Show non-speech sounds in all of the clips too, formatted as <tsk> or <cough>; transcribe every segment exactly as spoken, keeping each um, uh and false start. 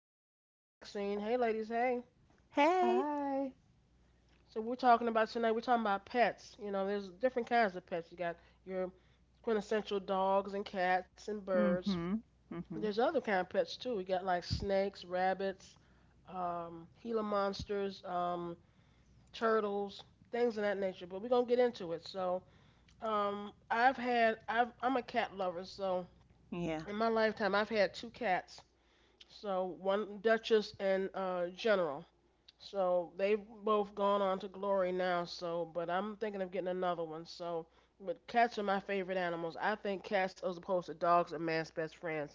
Amadia and Maxine. Hey, ladies. Hey. Hey. Hi, So we're talking about tonight. We're talking about pets. You know, there's different kinds of pets. You got your quintessential dogs and cats and birds. Mm-hmm. Mm-hmm. There's other kind of pets too. We got like snakes, rabbits, um, Gila monsters, um, turtles, things of that nature. But we're gonna get into it. So, um, I've had I've, I'm a cat lover. So Yeah, in my lifetime, I've had two cats. So one Duchess and uh, General. So they've both gone on to glory now. So, but I'm thinking of getting another one. So, but cats are my favorite animals. I think cats, as opposed to dogs, are man's best friends.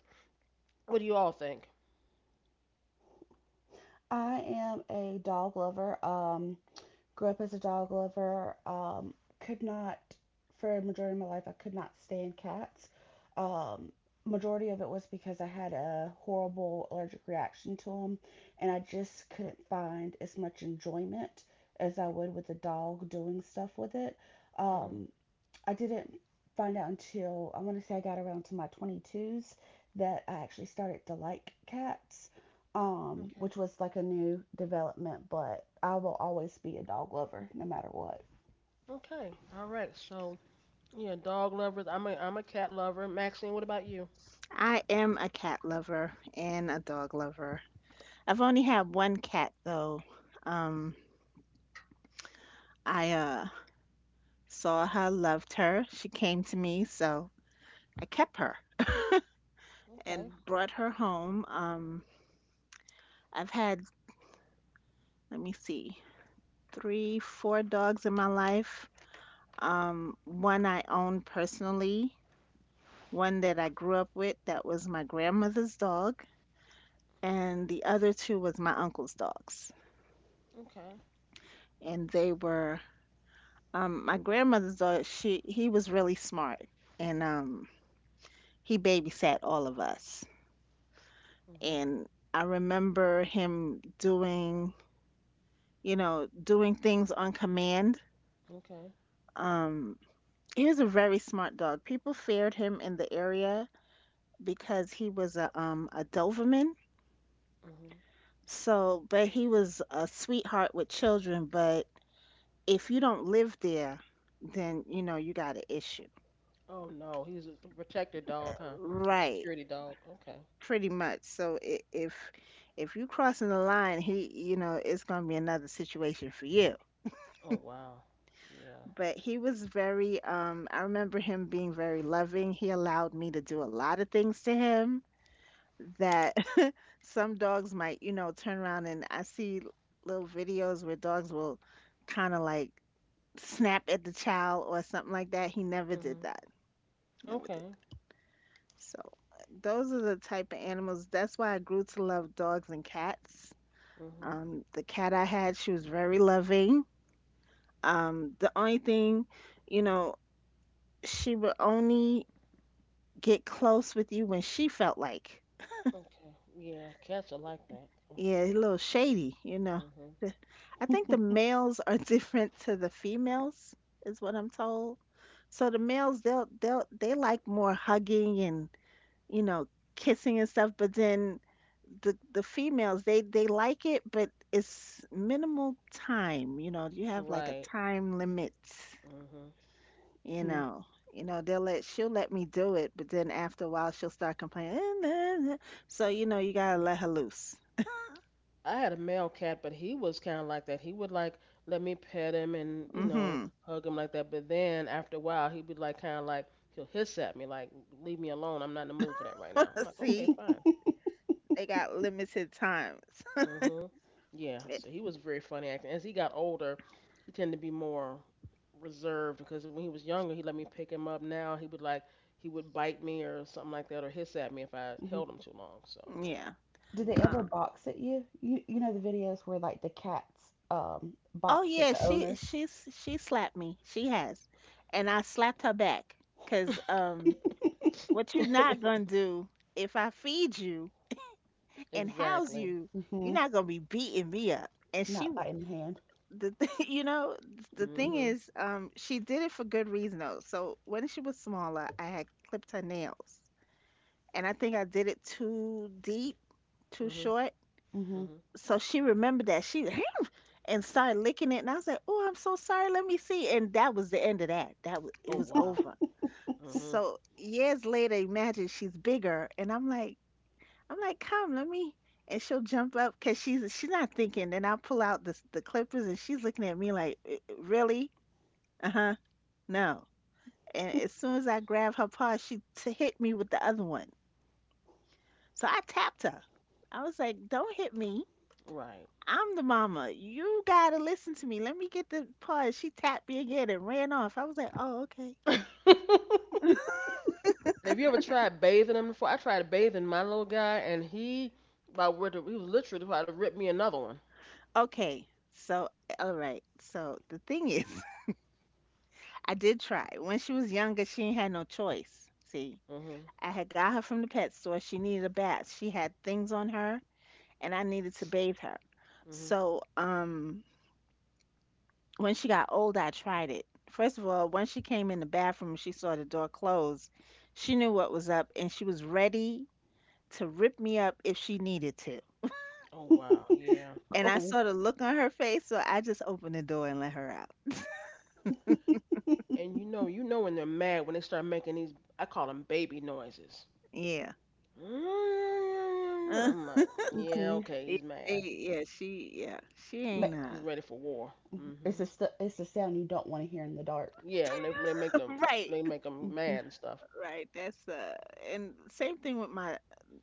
What do you all think? I am a dog lover. Um, grew up as a dog lover. Um, could not, for a majority of my life, I could not stand cats. Um, majority of it was because I had a horrible allergic reaction to them, and I just couldn't find as much enjoyment as I would with a dog doing stuff with it. Mm-hmm. Um, I didn't find out until I want to say I got around to my twenty-twos that I actually started to like cats, um, Okay. which was like a new development, but I will always be a dog lover no matter what. Okay. All right. So, yeah, dog lovers. I'm a I'm a cat lover. Maxine, what about you? I am a cat lover and a dog lover. I've only had one cat though. Um, I uh saw her, loved her. She came to me, so I kept her Okay. and brought her home. Um, I've had, let me see, three, four dogs in my life. Um, one I own personally, one that I grew up with that was my grandmother's dog, and the other two was my uncle's dogs. Okay. And they were um my grandmother's daughter, she he was really smart and um he babysat all of us. Mhm. And I remember him doing, you know, doing things on command. Okay. Um he was a very smart dog. People feared him in the area because he was a um a Doberman. Mhm. So, but he was a sweetheart with children, but if you don't live there, then you know you got an issue. Oh no, he's a protected dog, huh? Like a Right. security dog. Okay. Pretty much. So i- if if you crossing the line, he you know it's gonna be another situation for you. Oh wow. Yeah. But he was very um I remember him being very loving. He allowed me to do a lot of things to him that <laughs> some dogs might, you know, turn around, and I see little videos where dogs will kind of like snap at the child or something like that. He never did Mhm. that. Never did. Okay. So those are the type of animals. That's why I grew to love dogs and cats. Mhm. Um, the cat I had, she was very loving. Um, the only thing, you know, she would only get close with you when she felt like, Okay. Yeah, cats are like that. yeah, a little shady, you know. <laughs> Mhm. The- I think the <laughs> males are <laughs> different to the females, is what I'm told. So the males, they'll they'll they like more hugging and you know, kissing and stuff, but then the the females they they like it, but it's minimal time. You know, you have like a Right. time limit. Mhm. You Yeah. know, you know they'll let she'll let me do it, but then after a while she'll start complaining. "Eh, nah, nah." So you know you gotta let her loose. I had a male cat, but he was kind of like that. He would like let me pet him and you know Hmm. hug him like that. But then after a while, he would like kind of like he'll hiss at me like leave me alone. I'm not in the mood for that right now. I'm <laughs> like okay, See, fine. they got limited times. <laughs> Hmm Yeah, Eh, so he was very funny acting. As he got older, he tended to be more reserved because when he was younger, he let me pick him up. Now he would like he would bite me or something like that or hiss at me if I Mm-hmm. held him too long. So. yeah. Do they ever Um. box at you? You you know the videos where like the cats um Oh box at yeah, the she owners. she's she slapped me. She has, and I slapped her back because Hmm um "What you not gonna <laughs> do if I feed you and house Exactly. you? You're Mhm. not gonna be beating me up." And she, Not biting the hand. the th- <laughs> you know, the thing hmm is, um, she did it for good reason though. So when she was smaller, I had clipped her nails, and I think I did it too deep, too hmm short. Mhm. hmm So she remembered that she <laughs> <clears throat> and started licking it, and I was like, "Oh, I'm so sorry. Let me see." And that was the end of that. That was Oh it was wow. over. hmm So years later, imagine she's bigger, and I'm like, I'm like, come, let me. And she'll jump up because she's she's not thinking. Then I'll pull out the the clippers, and she's looking at me like, "Eh, really? Uh huh. No." And as soon as I grab her paw, she t- hit me with the other one. So I tapped her. I was like, don't hit me. Right. I'm the mama. You gotta listen to me. Let me get the paw. And she tapped me again and ran off. I was like, oh, okay. <laughs> Have <laughs> you ever tried bathing him before? I tried bathing my little guy, and he about where he was literally trying to rip me another one. Okay, so all right. So the thing is, <laughs> I did try. When she was younger, she ain't had no choice. See, Hmm I had got her from the pet store. She needed a bath. She had things on her, and I needed to bathe her. So, um, when she got older, I tried it. First of all, when she came in the bathroom, and she saw the door closed. She knew what was up, and she was ready to rip me up if she needed to. Oh wow, yeah. <laughs> And I Oh. saw the look on her face, so I just opened the door and let her out. <laughs> And you know, you know when they're mad when they start making these, I call them baby noises. Yeah. <laughs> Uh, I'm like, <laughs> yeah, Mhm. okay, yeah, he's they- mad. yeah, she, yeah, she Ma- ain't He's uh, ready for war. It's Mhm. a st- it's a sound you don't want to hear in the dark. Yeah, when they when they make <laughs> them right. they make them Mhm. mad and stuff. Right, that's uh and same thing with my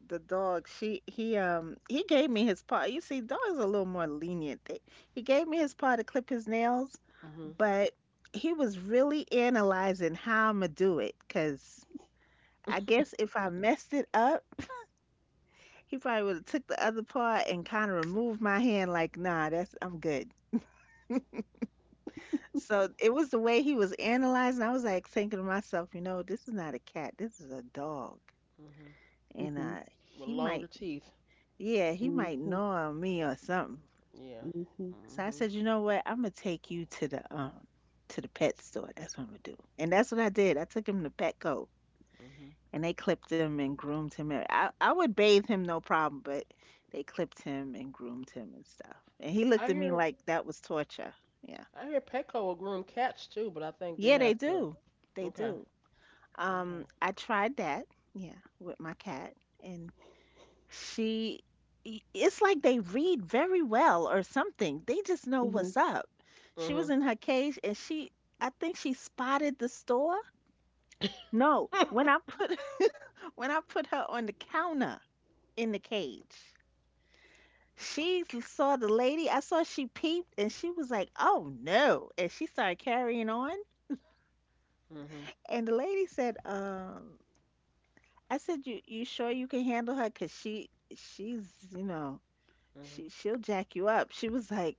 the dog. She he um he gave me his paw. You see, dogs are a little more lenient. They, he gave me his paw to clip his nails, Mhm. but he was really analyzing how I'ma do it, 'cause I guess if I messed it up, <laughs> he probably would have took the other paw and kind of removed my hand like, "Nah, that's I'm good." So it was the way he was analyzing. I was like thinking to myself, you know, this is not a cat. This is a dog. Mhm. And Mhm. uh With he longer might teeth. yeah, he might Mm-hmm. know on me or something. Yeah. Mm-hmm. So I Mhm. said, you know what? I'm gonna take you to the um to the pet store. That's what I'm gonna do. And that's what I did. I took him to Petco Mhm. and they clipped him and groomed him. And I I would bathe him no problem, but they clipped him and groomed him and stuff. And he I looked at me hear like that was torture. Yeah. I hear Petco will groom cats too, but I think they Yeah, they have to. do. They Okay. do. Okay. Um, I tried that, yeah, with my cat. And she I it's like they read very well or something. They just know Mm-hmm. what's up. She was Mhm. in her cage and she I think she spotted the store. No, Mhm. when I put <laughs> when I put her on the counter in the cage. She saw the lady. I saw she peeped and she was like, "Oh no." And she started carrying on. Mhm. <laughs> And the lady said, um, I said, "You you sure you can handle her? Cause she she's, you know, she she'll jack you up." She was like,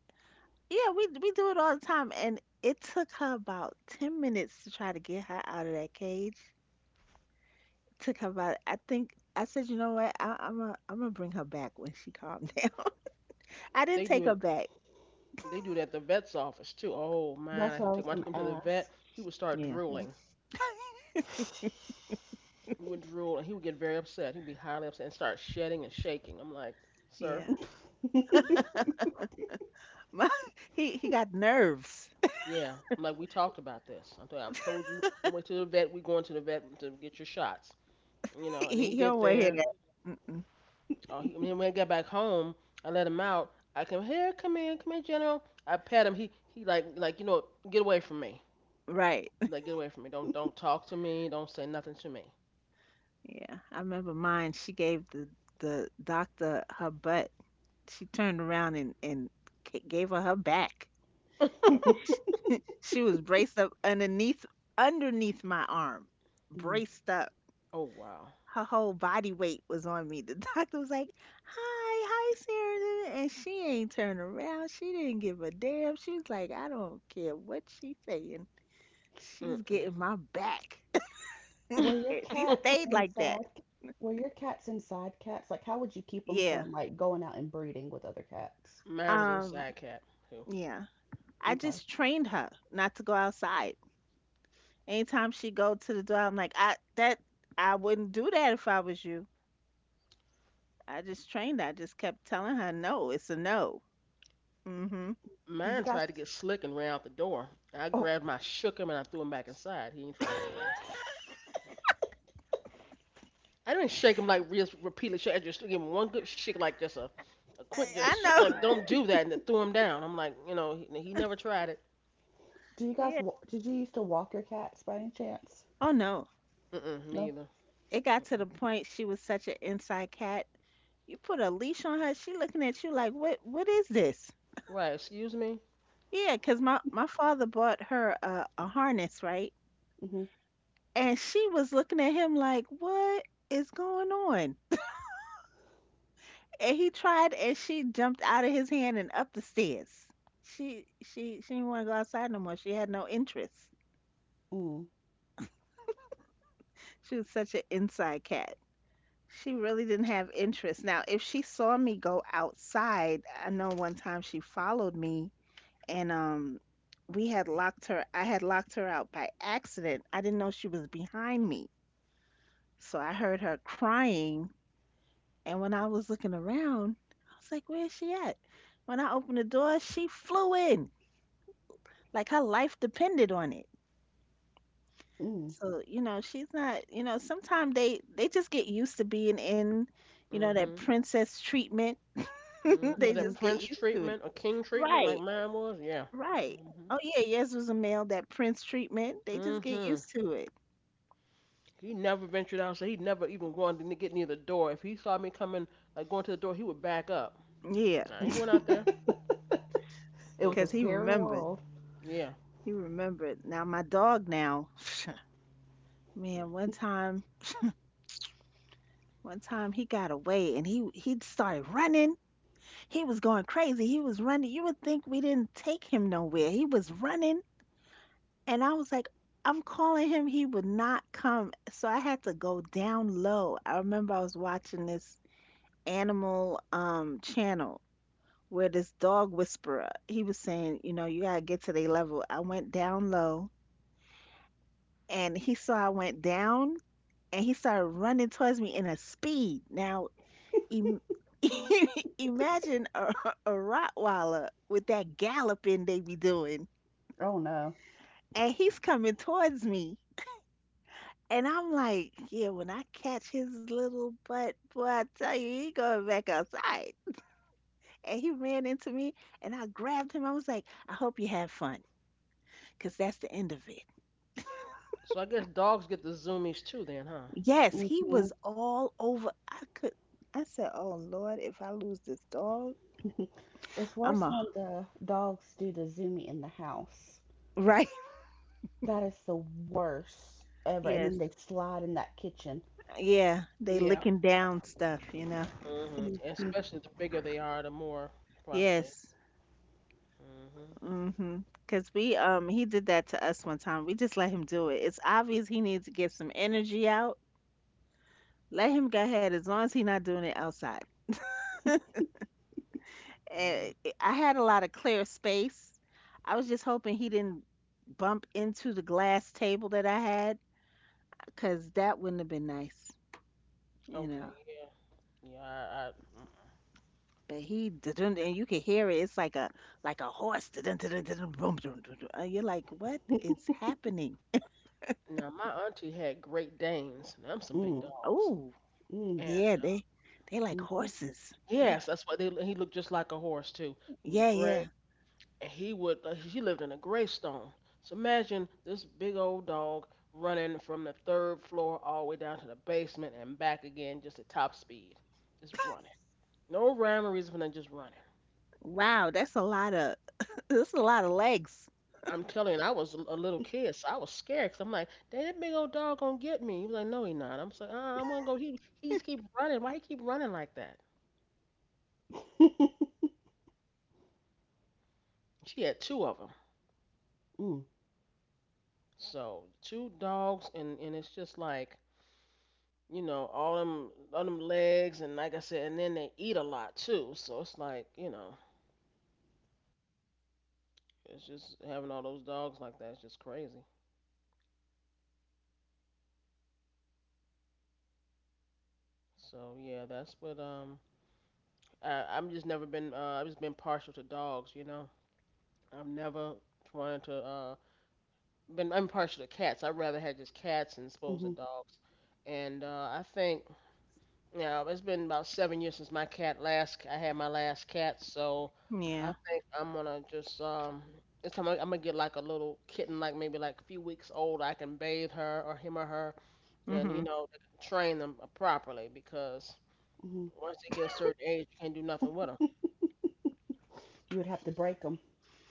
"Yeah, we we do it all the time," and it took her about ten minutes to try to get her out of that cage. took her about, I think I said, you know what, I, I'm a, I'm gonna bring her back when she calmed <laughs> down. I didn't They do take her it. back. They do that at the vet's office too. Oh man, That's I what I took was when I gonna took him to the vet, ask. he would start Yeah, Yeah. drooling. He would drool and he would get very upset. He'd be highly upset and start shedding and shaking. I'm like, sir, yeah. <laughs> My, he he got nerves. <laughs> yeah. I'm like, we talked about this. I told I've told you on the way to the vet, we going to the vet to get your shots. You know, and then He he he don't get want to hear there. that. Mm-mm. Oh, he, when he got back home, I let him out. I come here, come in, come in, General. I pat him. He he like like you know, get away from me. Right. <laughs> Like get away from me. Don't don't talk to me. Don't say nothing to me. Yeah, I remember mine. She gave the the doctor her butt. She turned around and and ca- gave her her back. <laughs> <laughs> <laughs> She was braced up underneath underneath my arm, Mm. braced up. Oh wow. Her whole body weight was on me. The <laughs> doctor was like, "Hi, hi, Sarah," and she ain't turned around. She didn't give a damn. She was like, "I don't care what she's saying. She's Mm-mm. getting my back." <laughs> Were your <laughs> And she cats stayed like inside? that. Were your cats inside cats? Like, how would you keep them Yeah. from like going out and breeding with other cats? Mine was Um. inside cat. Who? Yeah. I Okay. just trained her not to go outside. Anytime she go to the door, I'm like, I that I wouldn't do that if I was you. I just trained her. I just kept telling her, no, it's a no. Mm-hmm. Did you Mine guys? tried to get slick and ran out the door. I Oh, grabbed my shook him, and I threw him back inside. He ain't try <laughs> that again. I didn't shake him like real repeatedly. Shake. I just gave him one good shake, like just a, a I, quick I just know. shake, <laughs> like don't do that, and then threw him down. I'm like, you know, he, he never tried it. do you guys? Yeah. wa- Did you used to walk your cats by any chance? Oh no. Mm-mm, me No. either. It got to the Mm-mm. point she was such an inside cat. You put a leash on her, she looking at you like, what what is this? Right? Excuse me. Yeah. Cause my my father bought her a, a harness, right? Mm-hmm. And she was looking at him like, what is going on? And he tried and she jumped out of his hand and up the stairs. She she she didn't want to go outside no more. She had no interest. Mm. She was such an inside cat. She really didn't have interest. Now, if she saw me go outside, I know one time she followed me and um we had locked her I had locked her out by accident. I didn't know she was behind me. So I heard her crying, and when I was looking around, I was like, "Where is she at?" When I opened the door, she flew in like her life depended on it. So, you know, she's not, you know, sometimes they they just get used to being in, you know, that Mm-hmm. princess treatment. Mm-hmm. <laughs> Was They that Mm. just get prince used to it. treatment or king treatment like Right, mine was? Yeah. right. Oh yeah, yes was a male, that prince treatment. They just get Mm-hmm. used to it. He never ventured out, so he never even wanted to get near the door. If he saw me coming, like going to the door, he would back up. Yeah, I ain't going out Mm-hmm. there. <laughs> It was a 'cause Mm-mm. he scary remembered. world. Yeah. He remembered. Now my dog now, <laughs> Hmm. man, one time one time he got away and he he started running. He was going crazy. He was running. You would think we didn't take him nowhere. He was running. And I was like, I'm calling him, he would not come. So I had to go down low. I remember I was watching this animal um channel where this dog whisperer, he was saying, you know, you gotta get to their level. I went down low and he saw I went down and he started running towards me in a speed. Now im- <laughs> imagine a, a Rottweiler with that galloping they be doing. Oh no. And he's coming towards me. And I'm like, yeah, when I catch his little butt, boy, I tell you, he going back outside. And he ran into me and I grabbed him. I was like, I hope you have fun, 'cause that's the end of it. So I guess dogs get the zoomies too, then, huh? Yes, he Mm-hmm. was all over. I could, I said, oh Lord, if I lose this dog, <laughs> It's I'm worse a, when the dogs do the zoomy in the house. <laughs> right? That is the worst ever. And then Yes. they slide in that kitchen. Yeah, they Yeah. licking down stuff, you know? Mhm. <laughs> Especially the bigger they are, the more probably. Yes. Mhm. Mm-hmm. Because we, um, he did that to us one time. We just let him do it. It's obvious he needs to get some energy out. Let him go ahead as long as he's not doing it outside. And Mm. it- I had a lot of clear space. I was just hoping he didn't bump into the glass table that I had, because that wouldn't have been nice, you Okay. know. Yeah. Yeah. I. I mm-mm. But he didn't, and you could hear it. It's like a like a horse. Dun-dun, dun-dun, boom, dun, dun, dun. And you're like, what is happening? Now my auntie had Great Danes. Now, them some big Mhm, dogs. Oh, mm, And yeah, they they like mm, mhm. horses. Yeah, yes, that's why they. He looked just like a horse too. He was yeah, gray, yeah. and he would uh, she lived in a gravestone, so imagine this big old dog running from the third floor all the way down to the basement and back again just at top speed, just running, <laughs> no rhyme or reason for nothing, just running. Wow, that's a lot of <laughs> that's a lot of legs. I'm telling you, I was a little kid, so I was scared because I'm like, dang, that big old dog gonna get me. He was like, no he not. I'm just like, uh, I'm gonna go. He, he just keep running. Why he keep running like that? <laughs> She had two of them, Mm, so two dogs, and and it's just like, you know, all them all them legs, and like I said, and then they eat a lot too. So it's like, you know, it's just having all those dogs like that is just crazy. So yeah, that's what um I I'm just never been uh I've just been partial to dogs, you know. I've never trying to uh been I'm partial to cats. I'd rather have just cats and as opposed to mhm, dogs. And uh I think, yeah, it's been about seven years since my cat last I had my last cat, so I Yeah. think I'm gonna just um this time I, I'm gonna get like a little kitten, like maybe like a few weeks old. I can bathe her or him or her, and you Mhm. know train them properly, because mhm. once they get a certain age, you can't do nothing with them. You would have to break them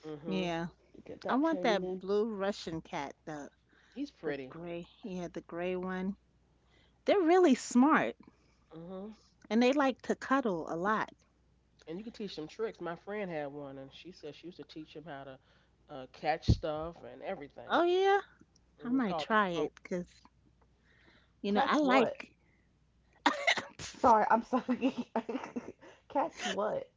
Mhm. Yeah. to get I that want training that in. blue Russian cat, the He's the pretty. gray, yeah, the gray one. They're really smart Mhm. and they like to cuddle a lot. And you can teach them tricks. My friend had one, and she said she used to teach him how to uh, catch stuff and everything. Oh yeah, I Mhm. It's might Called try it. it because you know I Catch what? like <laughs> Sorry, I'm sorry. <laughs> Catch what?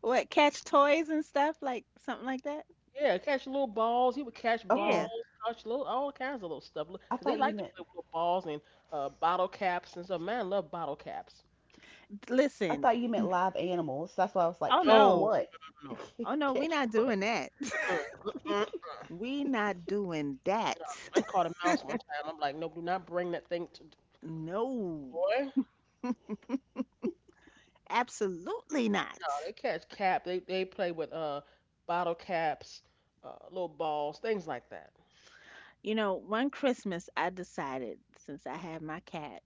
what, catch toys and stuff like something like that. Yeah, catch little balls. He would catch balls, Yeah, Okay. catch little all kinds of little stuff. Cause I they thought you like to meant play with little balls and uh, bottle caps and stuff. Man, I love bottle caps. I listen. thought you meant live animals. That's why I was like, Oh No, catch no, no, what? no, <laughs> no, oh no, we Catch not what? doing that. <laughs> no. Mm-mm, mm-mm, no. We not doing that. I caught a mouse one time. I'm like, no, do not bring that thing to <laughs> No, boy. absolutely No, not. they catch cap. They they play with uh bottle caps, uh, little balls, things like that. You know, one Christmas I decided, since I had my cat,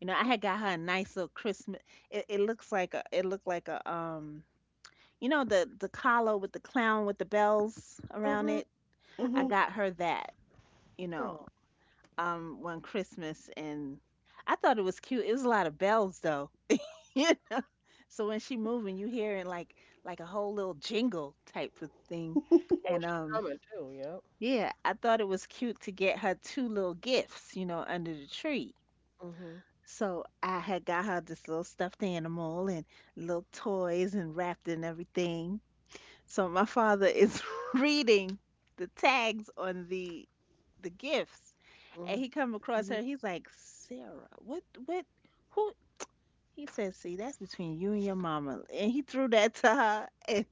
you know, I had got her a nice little Christmas. It, it looks like a, it looked like a, um, you know, the the collar with the clown with the bells around Mhm, it. I Mm-hmm. mhm. got her that, you Oh, know, um, one Christmas, and I thought it was cute. It was a lot of bells though. <laughs> You know. So when she moving, you hearing like like a whole little jingle type of thing, you know and she um, coming too. Yep. yeah, I thought it was cute to get her two little gifts, you know, under the tree. Mhm, So I had got her this little stuffed animal and little toys and wrapped and everything. So my father is <laughs> reading the tags on the the gifts, mhm. and he come across Hmm. her. He's like, Sarah, what what who? He says, see, that's between you and your mama. And he threw that to her, and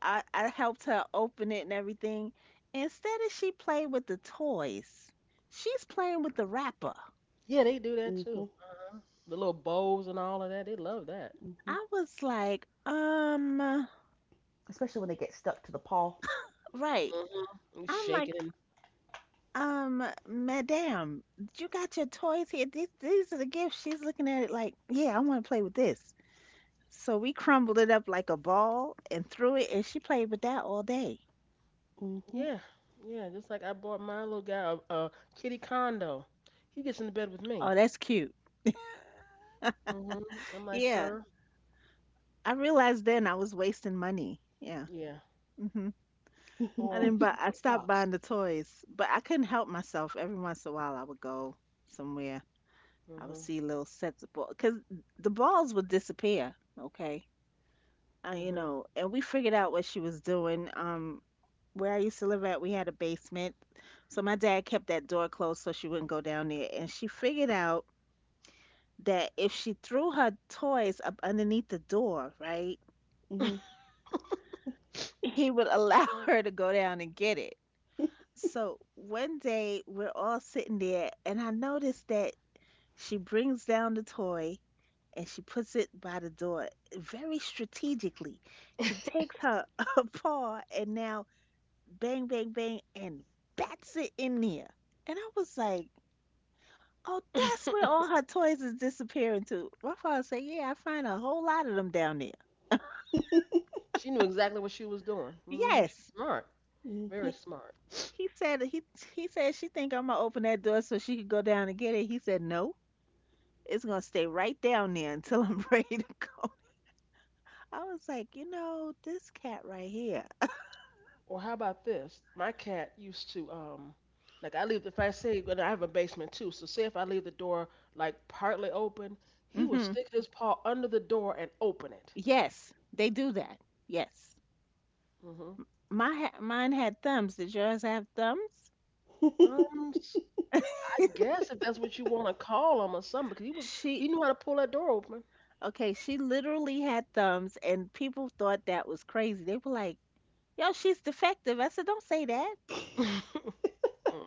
I I helped her open it and everything. Instead of, she played with the toys, she's playing with the wrapper. Yeah, they do that too. Hmm. Uh-huh. The little bows and all of that. They love that. <laughs> I was like, um. Especially when they get stuck to the paw. Right. Mm-hmm. He's I'm like, shaking and um, madam, you got your toys here. These, these are the gifts. She's looking at it like, yeah, I want to play with this. So we crumbled it up like a ball and threw it, and she played with that all day. Mm-hmm. yeah, yeah. Just like I bought my little guy a, a kitty condo. He gets into bed with me. Oh, that's cute. Hmm I'm like, Yeah. sir, I realized then I was wasting money. Yeah. yeah. Hmm. I Or you didn't buy, sleep <laughs> I in a stopped box. buying the toys, but I couldn't help myself. Every once in a while, I would go somewhere. I would Hmm see little sets of balls because the balls would disappear. Okay. Uh, you hmm know, and we figured out what she was doing. Um, where I used to live at, we had a basement, so my dad kept that door closed so she wouldn't go down there. And she figured out that if she threw her toys up underneath the door, right, Mm-hmm. he would allow <laughs> her to go down and get it. So one day we're all sitting there, and I noticed that she brings down the toy and she puts it by the door very strategically. She takes her, <laughs> her paw, and now bang, bang, bang, and bats it in there. And I was like, oh, that's where <laughs> all her toys is disappearing to. My father said, yeah, I find a whole lot of them down there. <laughs> She knew exactly what she was doing. Hmm She's Yes. smart, very He, Mm-hmm. smart. he said he he said she think I'm gonna open that door so she could go down and get it. He said no, it's gonna stay right down there until I'm <laughs> ready to go. I was like, you know, this cat right here. Or how about this? My cat used to um, like I leave if I say, and I have a basement too. So say if I leave the door like partly open, he would Hmm. stick his paw under the door and open it. Yes, they do that. Yes, Hmm my ha- mine had thumbs. Did yours have thumbs? <laughs> Um, s- I guess if that's what you want to call him or something, because he would She he knew how to pull that door open. Okay, she literally had thumbs, and people thought that was crazy. They were like, "Yo, she's defective." I said, "Don't say that. <laughs>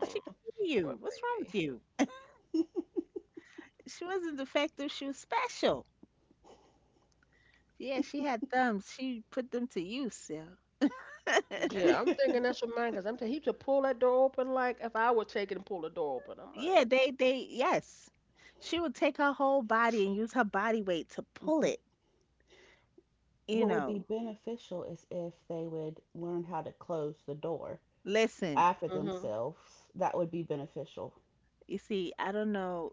She can hear poor you. What's wrong with baby. you? She wasn't defective. She was special. Yeah, she had thumbs. She put them to use. Yeah, Yeah, I'm thinking that's what mine, because I'm thinking he to pull that door open like if I would take it and pull the door open. <laughs> I'm like, yeah. They, they, yes. She would take her whole body and use her body weight to pull Mm-hmm. it. You What would be know. beneficial is if they would learn how to close the door Listen, after mm-hmm. themselves. That would be beneficial. you see, I don't know.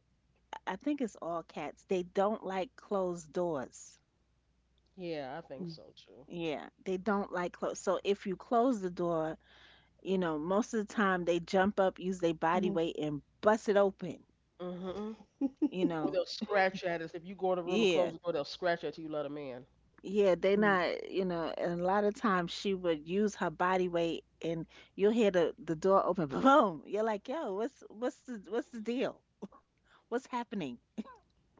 I I think it's all cats. They don't like closed doors. Yeah, I think so too. Yeah, they don't like clothes. So if you close the door, you know, most of the time they jump up, use their body Mm-hmm. weight, and bust it open. Mm-hmm. <laughs> You Or know, they'll scratch at us if you go in the room and close yeah, the door. They'll scratch at you. Let them in. yeah, they not, you know, and a lot of times she would use her body weight, and you'll hear the the door open, <laughs> boom. You're like, yo, what's what's the what's the deal? What's happening?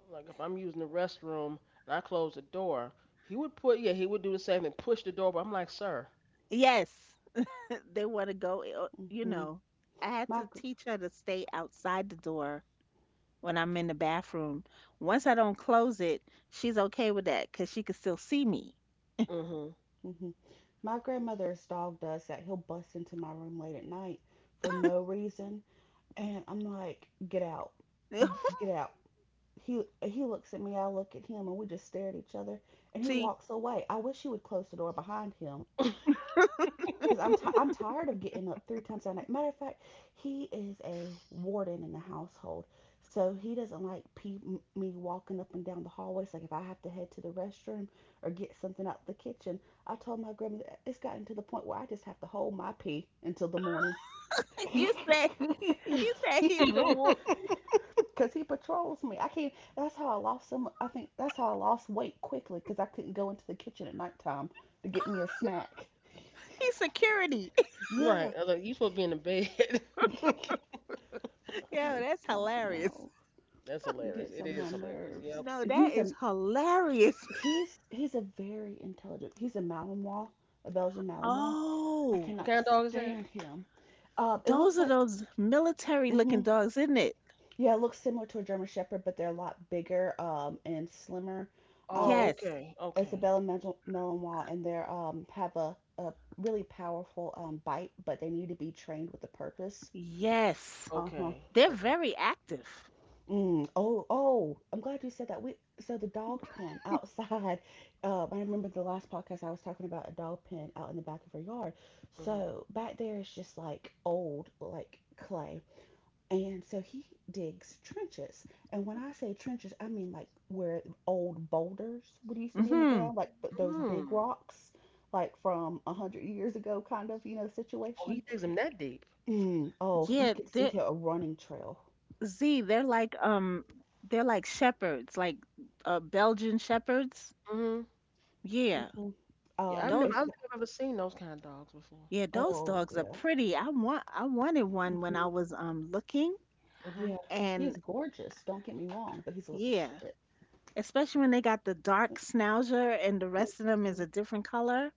Like if I'm using the restroom and I close the door, he would put yeah he would do the same thing, push the door. But I'm like, sir. Yes, <laughs> they want to go. uh, You Mm-hmm. know, I had My to teach her to stay outside the door when I'm in the bathroom. Once I don't close it, she's okay with that because she can still see me. Mm-hmm. Mm-hmm. My grandmother's dog does that. He'll bust into my room late at night for no reason, and I'm like, "Get out, get <laughs> out." He he looks at me, I look at him, and we just stare at each other. And he See, walks away. I wish he would close the door behind him because I'm ti I'm tired of getting up three times a night. Matter of fact, he is a warden in the household, so he doesn't like pe- me walking up and down the hallways. Like if I have to head to the restroom or get something out the kitchen, I told my grandmother it's gotten to the point where I just have to hold my pee until the morning. <laughs> you said you said <laughs> he's the war, <laughs> 'Cause he patrols me. I can't. That's how I lost some. I think that's how I lost weight quickly. 'Cause I couldn't go into the kitchen at nighttime to get me a snack. he's security. <laughs> Right. Yeah. I was like, you supposed to be in the bed. <laughs> Yo, Oh, that's God hilarious. no. That's It hilarious. gets It on is my hilarious. nerves. Yep. No, And that he's a is hilarious. <laughs> he's he's a very intelligent. He's a Malinois, a Belgian Malinois. I Oh, What cannot kind of dog is that? stand him. Um, it those looks are like. those military looking Hmm. dogs, isn't it? Yeah, it looks similar to a German Shepherd, but they're a lot bigger um, and slimmer. Oh, Um. Yes, okay. Okay. Isabella Mel- and they um, have a, a really powerful um, bite, but they need to be trained with a purpose. yes, Uh huh. Okay. they're Okay. very active. Mm. Oh, oh, I'm glad you said that. We So the dog pen outside. <laughs> Uh, I remember the last podcast I was talking about a dog pen out in the back of her yard. So back there is just like old, like, clay. And so he digs trenches. And when I say trenches, I mean like where old boulders would used to be in the Mm-hmm. ground, like th- those Mm-hmm. big Mm. rocks, like from a hundred years ago, kind of, you know, Oh, situation. he digs him that deep. Mm, oh, you Yeah, could see they're here a running trail. Z. They're like um, they're like shepherds, like uh, Belgian shepherds. Mm-hmm. Yeah, Hmm. Yeah, I've Um, never I those it's don't g- think I've ever seen those kind of dogs before. yeah, those oh dogs are yeah. pretty. I want I wanted one when hmm I was um looking, Mm-hmm. yeah. He is and gorgeous. Don't get me wrong, but he's a little yeah, shit. especially when they got the dark schnauzer and the rest of them is Hmm. a different color.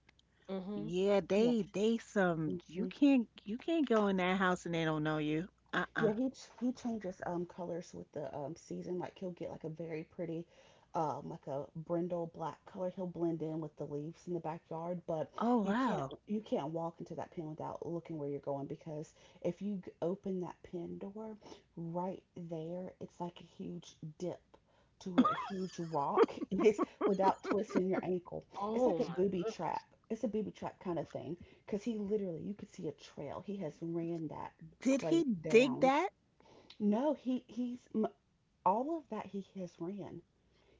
Mm-hmm. Yeah, Oh yeah. they they some, Mm-hmm. you can't you can't go in that house and they don't know you. Uh-uh. Yeah, he ch- he changes um colors with the um season. Like he'll get like a very pretty, um like a brindle black color. He'll blend in with the leaves in the backyard, but Oh you can't wow. you can't walk into that pen without looking where you're going because if you g- open that pen door, right there it's like a huge dip to where a huge rock <laughs> is without twisting your ankle. It's Oh like a my booby trap. goodness. It's a booby trap kind of thing because he literally you could see a trail. He has ran that Did he clay dig down. that? No, he he's m- all of that he has ran.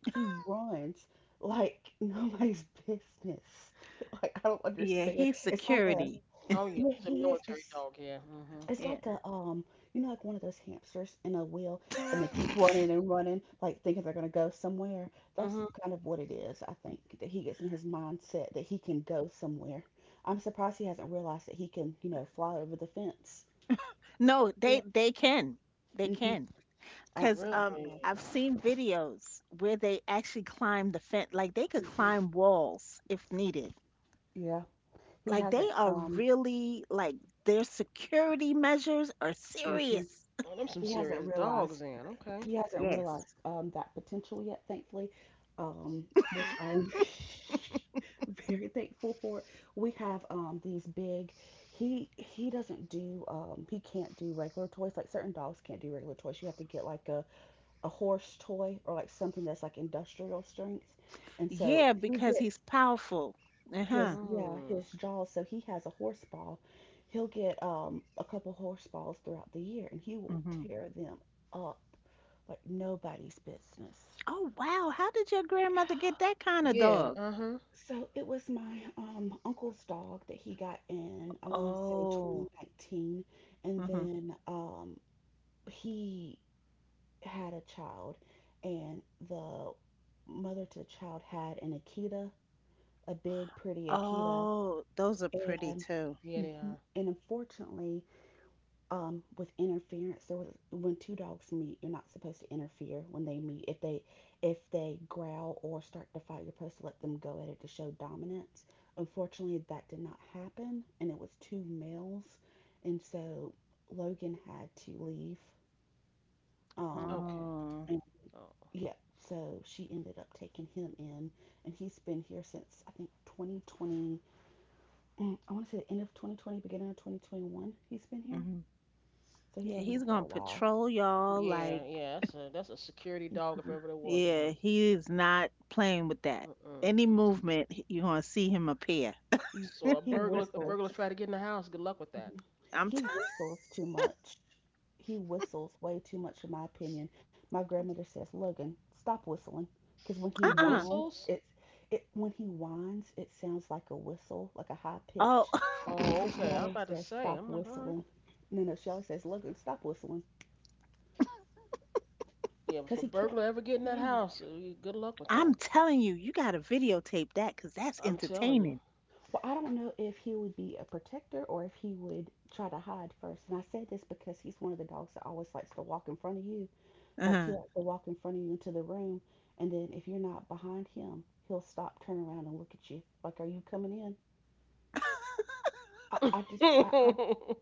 He runs like nobody's business. <laughs> Like I don't Yeah, understand. he's It's like a, security. Oh yeah, yeah, he's a he is. military it's dog, yeah. Mm-hmm. it's Yeah. like a, um you know like one of those hamsters in a wheel, and they keep running <laughs> and running like thinking they're gonna go somewhere. That's Mm-hmm. kind of what it is, I think, that he gets in his mindset that he can go somewhere. I'm surprised he hasn't realized that he can, you know, fly over the fence. No, Yeah. they they can. They Hmm. can. I don't Because think he's um, realized Really? that. I've seen videos where they actually climb the fence, like they could Mhm. climb walls if needed. Yeah, he Like they hasn't. are Um, really like their security measures are hmm serious. Oh, them some He hasn't serious realized. dogs in. Okay. He hasn't Yes. realized um, that potential yet. Thankfully, um, which I'm <laughs> very thankful for. We have um, these big. He he doesn't do. Um, he can't do regular toys. Like certain dogs can't do regular toys. You have to get like a a horse toy or like something that's like industrial strength. And so Yeah, he because he's gets. powerful. Uh-huh. His, yeah, Mm. his jaws, so he has a horse ball. He'll get um a couple horse balls throughout the year, and he will Hmm. tear them up like nobody's business. Oh wow, how did your grandmother get that kind of Yeah, dog? uh-huh. So it was my um uncle's dog that he got in, I want to say, Oh. twenty nineteen. And Hmm. then um he had a child, and the mother to the child had an akita, a big pretty akita, Oh, those are pretty and too. Yeah, they mhm, are. and unfortunately, um, with interference. There was when two dogs meet, you're not supposed to interfere when they meet. If they if they growl or start to fight, you're supposed to let them go at it to show dominance. Unfortunately, that did not happen, and it was two males, and so Logan had to leave. Um, Okay. Oh. and Oh. yeah, so she ended up taking him in, and he's been here since I think twenty twenty. mm, I want to say the end of twenty twenty, beginning of twenty twenty-one. He's been here, Hmm. so he's Yeah, been he's here for gonna a while. patrol y'all Yeah, like. yeah, that's a that's a security dog if Mhm. ever there was Yeah, one. he is not playing with that. Mm-mm. Any movement, you're gonna see him appear. Mhm. So a He burglar a burglar whistles. try to get in the house. Good luck with that. Mhm. I'm t- He whistles too much. He whistles way too much, in my opinion. My grandmother says, "Logan, stop whistling," because when he He uh-uh. whines, whistles. it's it when he whines, it sounds like a whistle, like a high Oh, pitch. Oh, <laughs> So she okay. I'm always about to says, say. "Stop I'm like, all right. whistling." No, no, she always says, "Logan, stop whistling," Yeah, but if because a he can't. burglar ever get in that Yeah. house, uh, you- good luck with I'm that. telling you, you gotta videotape that because that's I'm telling you. entertaining. Well, I don't know if he would be a protector or if he would try to hide first. And I say this because he's one of the dogs that always likes to walk in front of you. Like he Uh-huh. has to walk in front of you into the room, and then if you're not behind him, he'll stop, turn around, and look at you. Like, are you coming in? <laughs> I, I <laughs> just, I, I,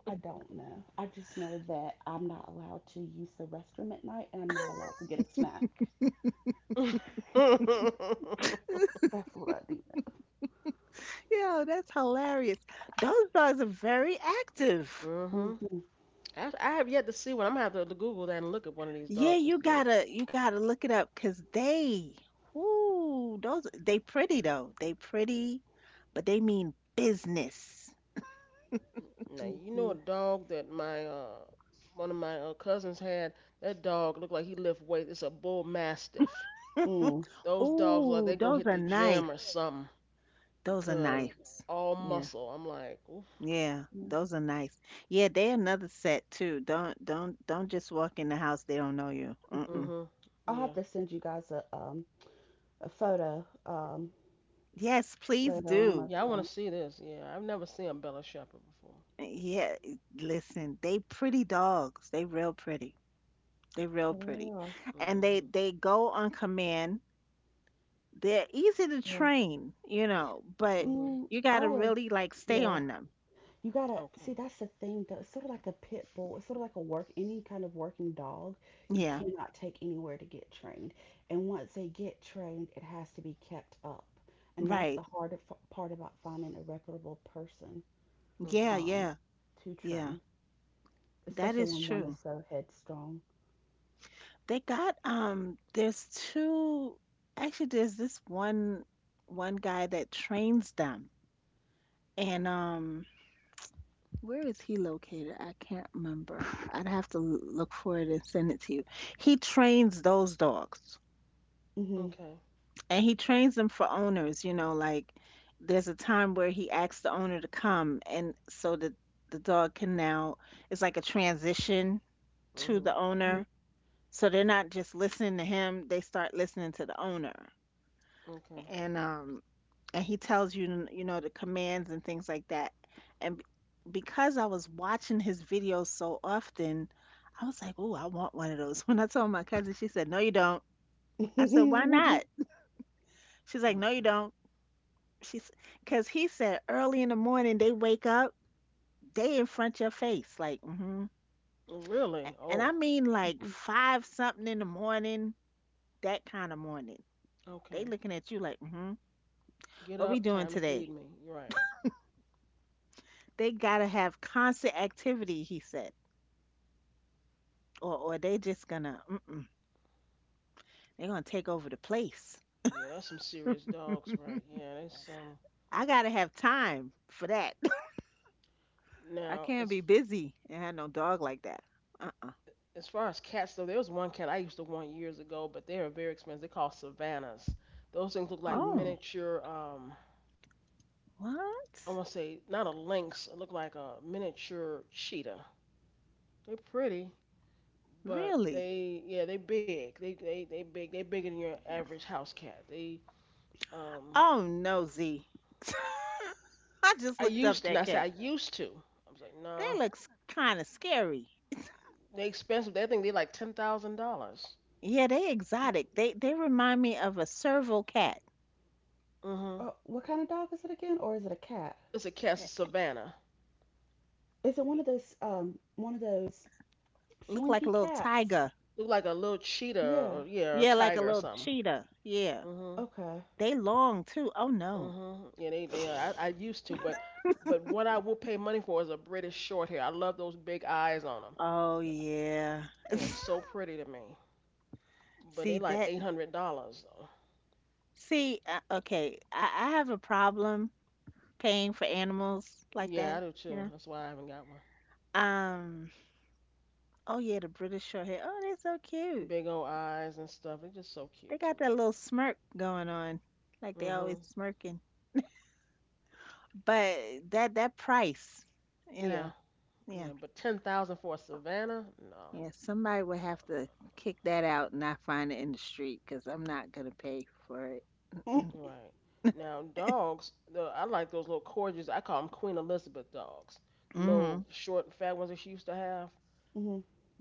I don't know. I just know that I'm not allowed to use the restroom at night, and I'm not allowed to get a snack. That's what I do Yo, that's hilarious. Those dogs are very active. know. Mhm. I I have yet to see one. I'm gonna have to, to Google that and look at one of these Yeah, dogs and you see what. gotta you gotta look it up because they, ooh, those they pretty though. They pretty, but they mean business. Now Hmm. you know Hmm. a dog that my uh one of my uh, cousins had. That dog looked like he lift weight. It's a bull mastiff. Mm. <laughs> Those dogs look like Ooh, they go those hit are the nice. gym or something Those are because nice. all Yeah. muscle. I'm like, oof. Yeah, Yeah. those are nice. Yeah, they another set too. Don't don't don't just walk in the house they don't know you. Hmm. Mm-mm. Mhm. I'll have Yeah. to send you guys a um a photo um Yes, please later on do. of Yeah, I want to him. see this. Yeah, I've never seen a Bella Shepherd before. Yeah, listen, they pretty dogs. They real pretty. They real Oh, they pretty. are. And they Mhm. they go on command. They're easy to Yeah. train, you know, but Mhm. Mm, you got I to would. really like stay Yeah. on them. You gotta see, Okay. that's the thing though. It's sort of like a pit bull. It's sort of like a work any kind of working dog. You Yeah, cannot take anywhere to get trained. And once they get trained, it has to be kept up. And that's right. the hard f- part about finding a reputable person Yeah, Mhm. um, yeah. to Yeah. train, That especially is when one is true. so headstrong. They got um there's two, actually there's this one one guy that trains them. And um where is he located? I can't remember. I'd have to l- look for it and send it to you. He trains those dogs Hmm. Okay. and he trains them for owners, you know, like there's a time where he asks the owner to come, and so that the dog can now, it's like a transition to the Mhm. owner. So they're not just listening to him, they start listening to the owner. Okay. And um, and he tells you n- you know the commands and things like that, and b- because I was watching his videos so often, I was like, oh, I want one of those. <laughs> When I told my cousin, she said, no, you don't. I said, why Hmm. not? <laughs> She's like, no, you Mm-mm. don't. She's, because he said early in the morning they wake up, they in front your face like mm-hmm. Really? And I Oh. mean like five something in the morning, that kind of morning, they Okay. looking at you like mm-hmm, Get what we up. doing Time to feed today? me. You're right. They gotta have constant activity, he said, or or they just gonna mm-mm, they gonna take over the place. Yeah, that's some serious dogs, right? Yeah, that's um. I gotta have time for that. <laughs> I Now, can't as be busy and have no dog like that. Uh-uh. as far as cats though, there was one cat I used to want years ago, but they are very expensive. They're called savannas. Those things look like Mhm. Oh, miniature um. what? I want to say not a lynx. It looked like a miniature cheetah. They're pretty, but Really? they yeah they big. They they they big. They bigger than your average house cat. They um. Oh no, Z. <laughs> I just I looked up used to. And I that said cat. I used to. I was like no. They Nah, look kind of scary. they expensive. They think they like ten thousand dollars. Yeah, they exotic. They they remind me of a serval cat. Hmm. Uh, what kind of dog is it again, or is it a cat? It's a cat. It's a Eh, savannah. Is it one eh, of those um one of those look like slinky a little cats? tiger. Look like a little cheetah or Yeah. yeah, or a Yeah, like a tiger or little something. cheetah. Yeah. Mhm. Okay. They long too. Oh no. Mhm. Yeah, they they. I, I used to, but but what I will pay money for is a British short hair. I love those big eyes on them. Oh yeah. They are so <laughs> pretty to me. But See they like that? eight hundred dollars though. See, uh, okay, I, I have a problem paying for animals like Yeah, I that, do you too. know? That's why I haven't got one. Um, oh yeah, the British Shorthair. Oh, they're so cute. Big old eyes and stuff. They're just so They cute to got that me. little smirk going on, like they always Mhm. smirking. But that that price, you Yeah. know, yeah, Yeah. But ten thousand for a savannah? No. yeah. Somebody would have No. to kick that out, and I find it in the street because I'm not gonna pay for it. Hmm. Right. Now, dogs, the, I like those little corgis. I call them Queen Elizabeth dogs. Them little Mm-hmm. short and fat ones that she used to have.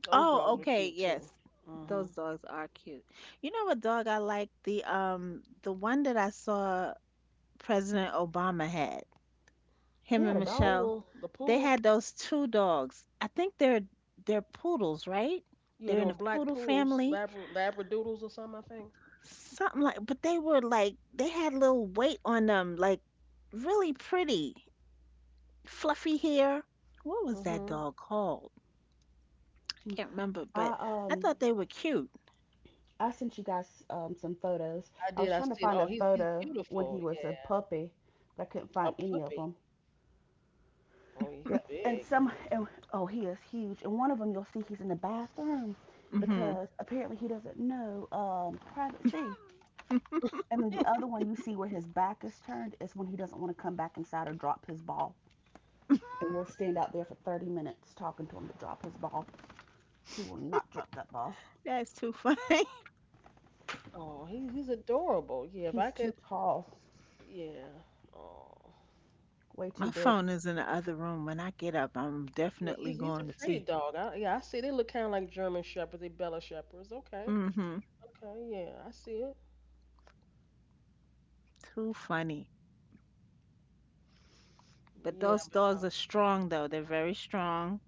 Those Oh, dogs were okay, cute too. yes. Hmm. Those dogs are cute. You know what dog I like? The um the one that I saw President Obama had. He Him had a and The dog. Michelle. poodle, the They poodle. had those two dogs. I think they're they're poodles, right? Yeah, They're they in were the black poodle poodles, family. labra, labradoodles or something, I think. Something like but they were like they had a little weight on them, like really pretty. Fluffy hair. What was that Hmm. dog called? I can't remember, I but I um thought they were cute. I sent you guys um some photos. I I was did. I trying to seen. find a Oh, he's he's photo when beautiful. he was a Yeah, puppy, but I couldn't a find any of puppy. them. Oh, he's Yeah, And big. some and oh, he is huge. And one of them you'll see he's in the bathroom Hmm because apparently he doesn't know um privacy. <laughs> And then Yeah. the <laughs> other one you see where his back is turned is when he doesn't want to come back inside or drop his ball. And we'll <laughs> stand out there for thirty minutes talking to him to drop his ball. He will not drop that ball. That's too funny. <laughs> Oh, he's he's adorable. Yeah, if I He's could. too tall, Yeah. Oh. way too My big. phone is in the other room. When I get up, I'm Yeah, definitely he's he's a going to pretty see. dog. I, yeah, I see. They look kind of like German shepherds. They Bella shepherds. Okay, Mm-hmm. okay, yeah, I see it. Too funny. But But yeah, those but dogs are strong, though. They're very strong,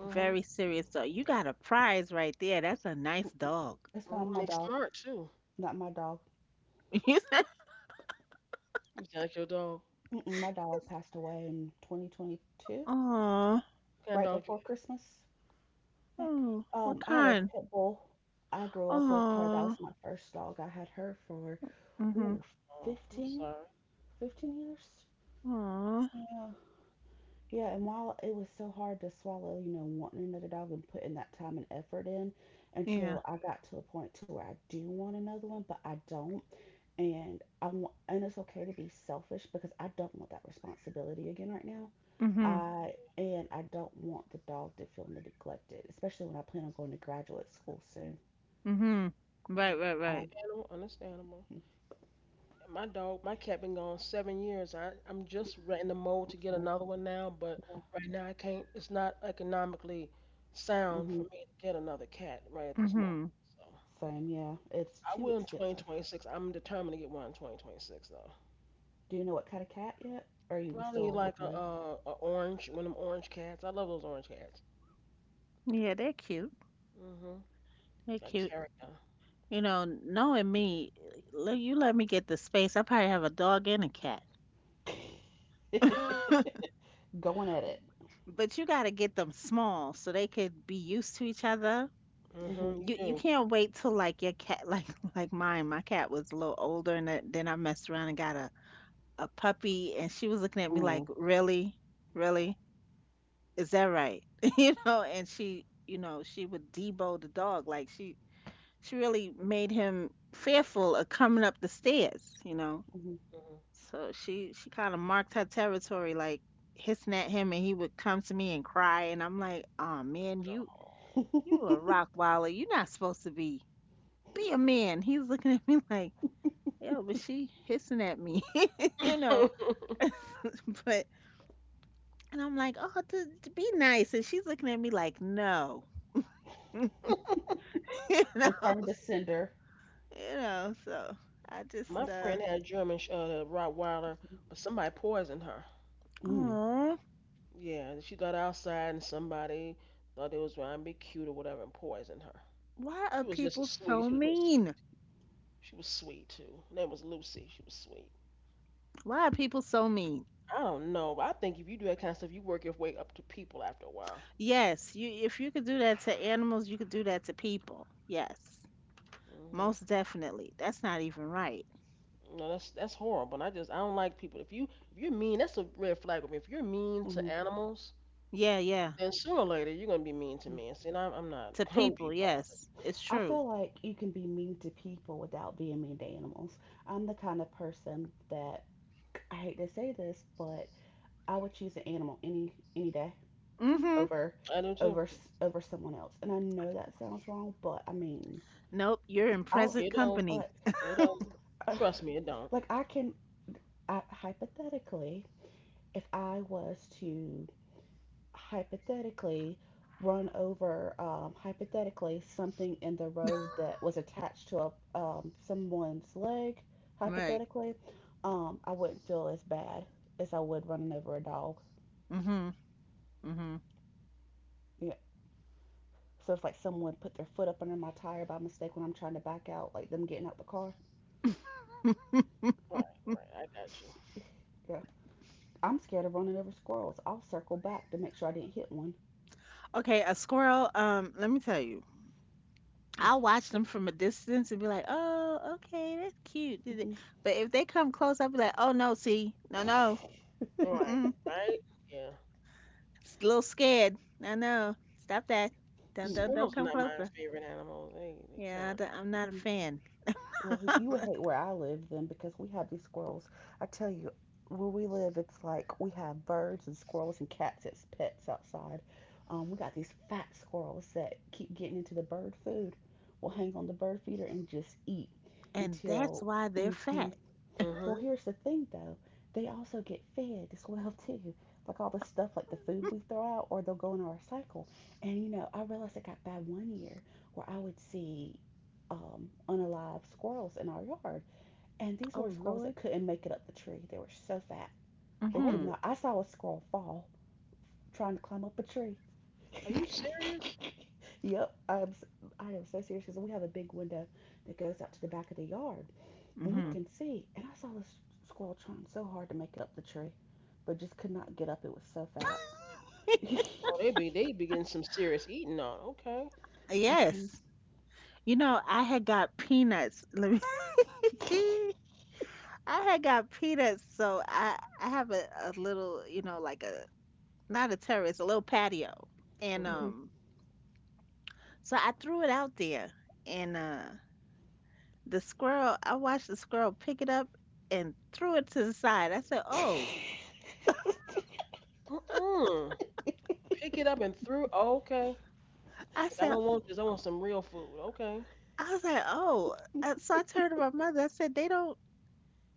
uh, mhm, very serious dog. You got a prize right there. That's a nice dog. It's not mhm. my They dog. smart too. Not my dog. <laughs> You said, You sound like your dog. Mm-mm, my dog passed away in twenty twenty-two, oh, What kind right of dog you before Christmas, I think. oh, what Um, I had a kind? pit bull. I grew up with her. That was Oh, my first dog. I had her for, mm-hmm. ooh, have? Oh, I'm 15, sorry. 15 years. Oh, Yeah. Yeah, and while it was so hard to swallow, you know, wanting another dog and putting that time and effort in yeah. until I got to a point to where I do want another one, but I don't. And I want, and it's okay to be selfish because I don't want that responsibility again right now. Mm-hmm. I and I don't want the dog to feel neglected, especially when I plan on going to graduate school soon. Mm-hmm. Yeah, Right, right, right. Um, understandable, understandable. And my dog, my cat been gone seven years. I I'm just right in the mode I'm to get sorry. another one now, but Yeah. right now I can't. It's not economically sound Hmm. for me to get another cat right at this moment. Mm-hmm. So. Same. Yeah. It's I too will in expensive. twenty twenty-six. I'm determined to get one in twenty twenty-six though. Do you know what kind of cat yet? Or are you Probably still like a, looking? a, a orange, one of them orange cats. I love those orange cats. Yeah, they're cute. Mhm. They're That cute. character. You know, knowing me, le- you let me get the space, I probably have a dog and a cat. <laughs> <laughs> Going at it. But you gotta get them small so they could be used to each other. Hmm. Mhm. You You you do. can't wait till like your cat <laughs> like like mine. My cat was a little older and th- then I messed around and got a a puppy and she was looking at me Mm-hmm. like, "Really? Really? Is that right?" <laughs> You know, and she, you know, she would debo the dog like she she really made him fearful of coming up the stairs, you know. So she she kind of marked her territory, like hissing at him, and he would come to me and cry, and I'm like, "Oh man, you you a rock wilder. You're not supposed to be be a man." He's looking at me <laughs> like, "Yeah, but she hissing at me, <laughs> Mhm. you know." Oh. <laughs> But and I'm like, "Oh, to, to be nice," and she's looking at me like, "No," <laughs> you <laughs> know, Return to s- sender. you know. So I My just, uh, friend had a German sh- uh, Rottweiler, but somebody poisoned her. oh, Yeah, she got outside and somebody thought it was trying to be cute or whatever and poisoned her. why are She was just a people sweet. so She was real sweet. mean? She was sweet too. Her name was Lucy. She was sweet. Why are people so mean? I don't know, but I think if you do that kind of stuff, you work your way up to people after a while. Yes, you if you could do that to animals, you could do that to people. Yes. Most Hmm. definitely. That's not even right. No, that's that's horrible. And I just I don't like people. If you if you're mean, that's a red flag with me. If you're mean to Mm-hmm. animals, Yeah, yeah. then sooner or later you're gonna be mean to me. And see, and I'm, I'm not To <laughs> gonna be people, bothered. yes. It's I true. feel like you can be mean to people without being mean to animals. I'm the kind of person that I hate to say this, but I would choose an animal any any day Mm-hmm. over I do too. over over someone else. And I know that sounds wrong, but I mean, Nope, you're in I would, present It don't. company. like, It don't. <sighs> uh, Trust me, it don't. like I can I, hypothetically, if I was to hypothetically run over um, hypothetically something in the <laughs> road that was attached to a, um, someone's leg, Right. hypothetically. um, I wouldn't feel as bad as I would running over a dog. Mm-hmm. Yeah. So it's like someone put their foot up under my tire by mistake when I'm trying to back out, like them getting out the car. Mm-hmm. Right, right. I got you. Yeah. I'm scared of running over squirrels. I'll circle back to make sure I didn't hit one. <laughs> Okay, a squirrel, um, let me tell you. I'll watch them from a distance and be like, "Oh, okay, that's cute." Did it- Mm-hmm. But if they come close, I'll be like, "Oh no, see, no, no, Right, mm right. Yeah. it's a little scared. I know. Stop that. <laughs> Don't Mm-hmm. don't don't Squirrels are come not my closer. favorite animals. They they kind Yeah, I don't- I'm not a fan, Well, you would of. hate where I live then because we have these squirrels. I tell you, where we live, it's like we have birds and squirrels and cats as pets outside. Um, we got these fat squirrels that keep getting into the bird food, will hang on the bird feeder and just eat and that's until. why they're Mm-hmm. fat. Mhm. Well, here's the thing though, they also get fed as well <laughs> too. Like all the stuff, like the food we throw out, or they'll go into our cycle. And you know, I realized it got bad one year where I would see um, unalive squirrels in our yard, and these were Oh squirrels Lord. that couldn't make it up the tree. They were so fat they could Mhm. Oh, not. I saw a squirrel fall trying to climb up a tree. are you serious? <laughs> Yep, I am. I am so serious because we have a big window that goes out to the back of the yard and we Uh. Mhm. can see. And I saw this squirrel trying so hard to make it up the tree, but just could not get up. It was so fat. Oh, they be <laughs> they be getting some serious eating on. Okay. Hmm. Yes. You know, I had got peanuts. Let me. <laughs> I had got peanuts, so I I have a, a little, you know, like a not a terrace, a little patio, and Mhm. Hmm. um, so I threw it out there, and uh, the squirrel. I watched the squirrel pick it up and threw it to the side. I said, "Oh, Mm-mm. Pick it up and threw. Oh, okay. I Like I said, don't want this. I want some real food. Okay. I was like, oh. Uh, So I turned to my mother. I said, they don't,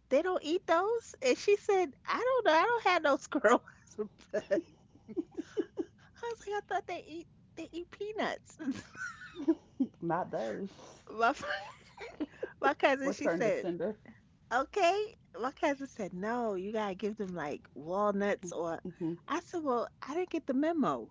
they don't eat those. And she said, I don't know. I don't have no squirrels. <laughs> I was like, I thought they eat, they eat peanuts. <laughs> <laughs> Not those. My, f- <laughs> my cousin, she Return to said, sender. okay. My cousin said, no, you gotta give them like walnuts or. Hmm. I said, well, I didn't get the memo.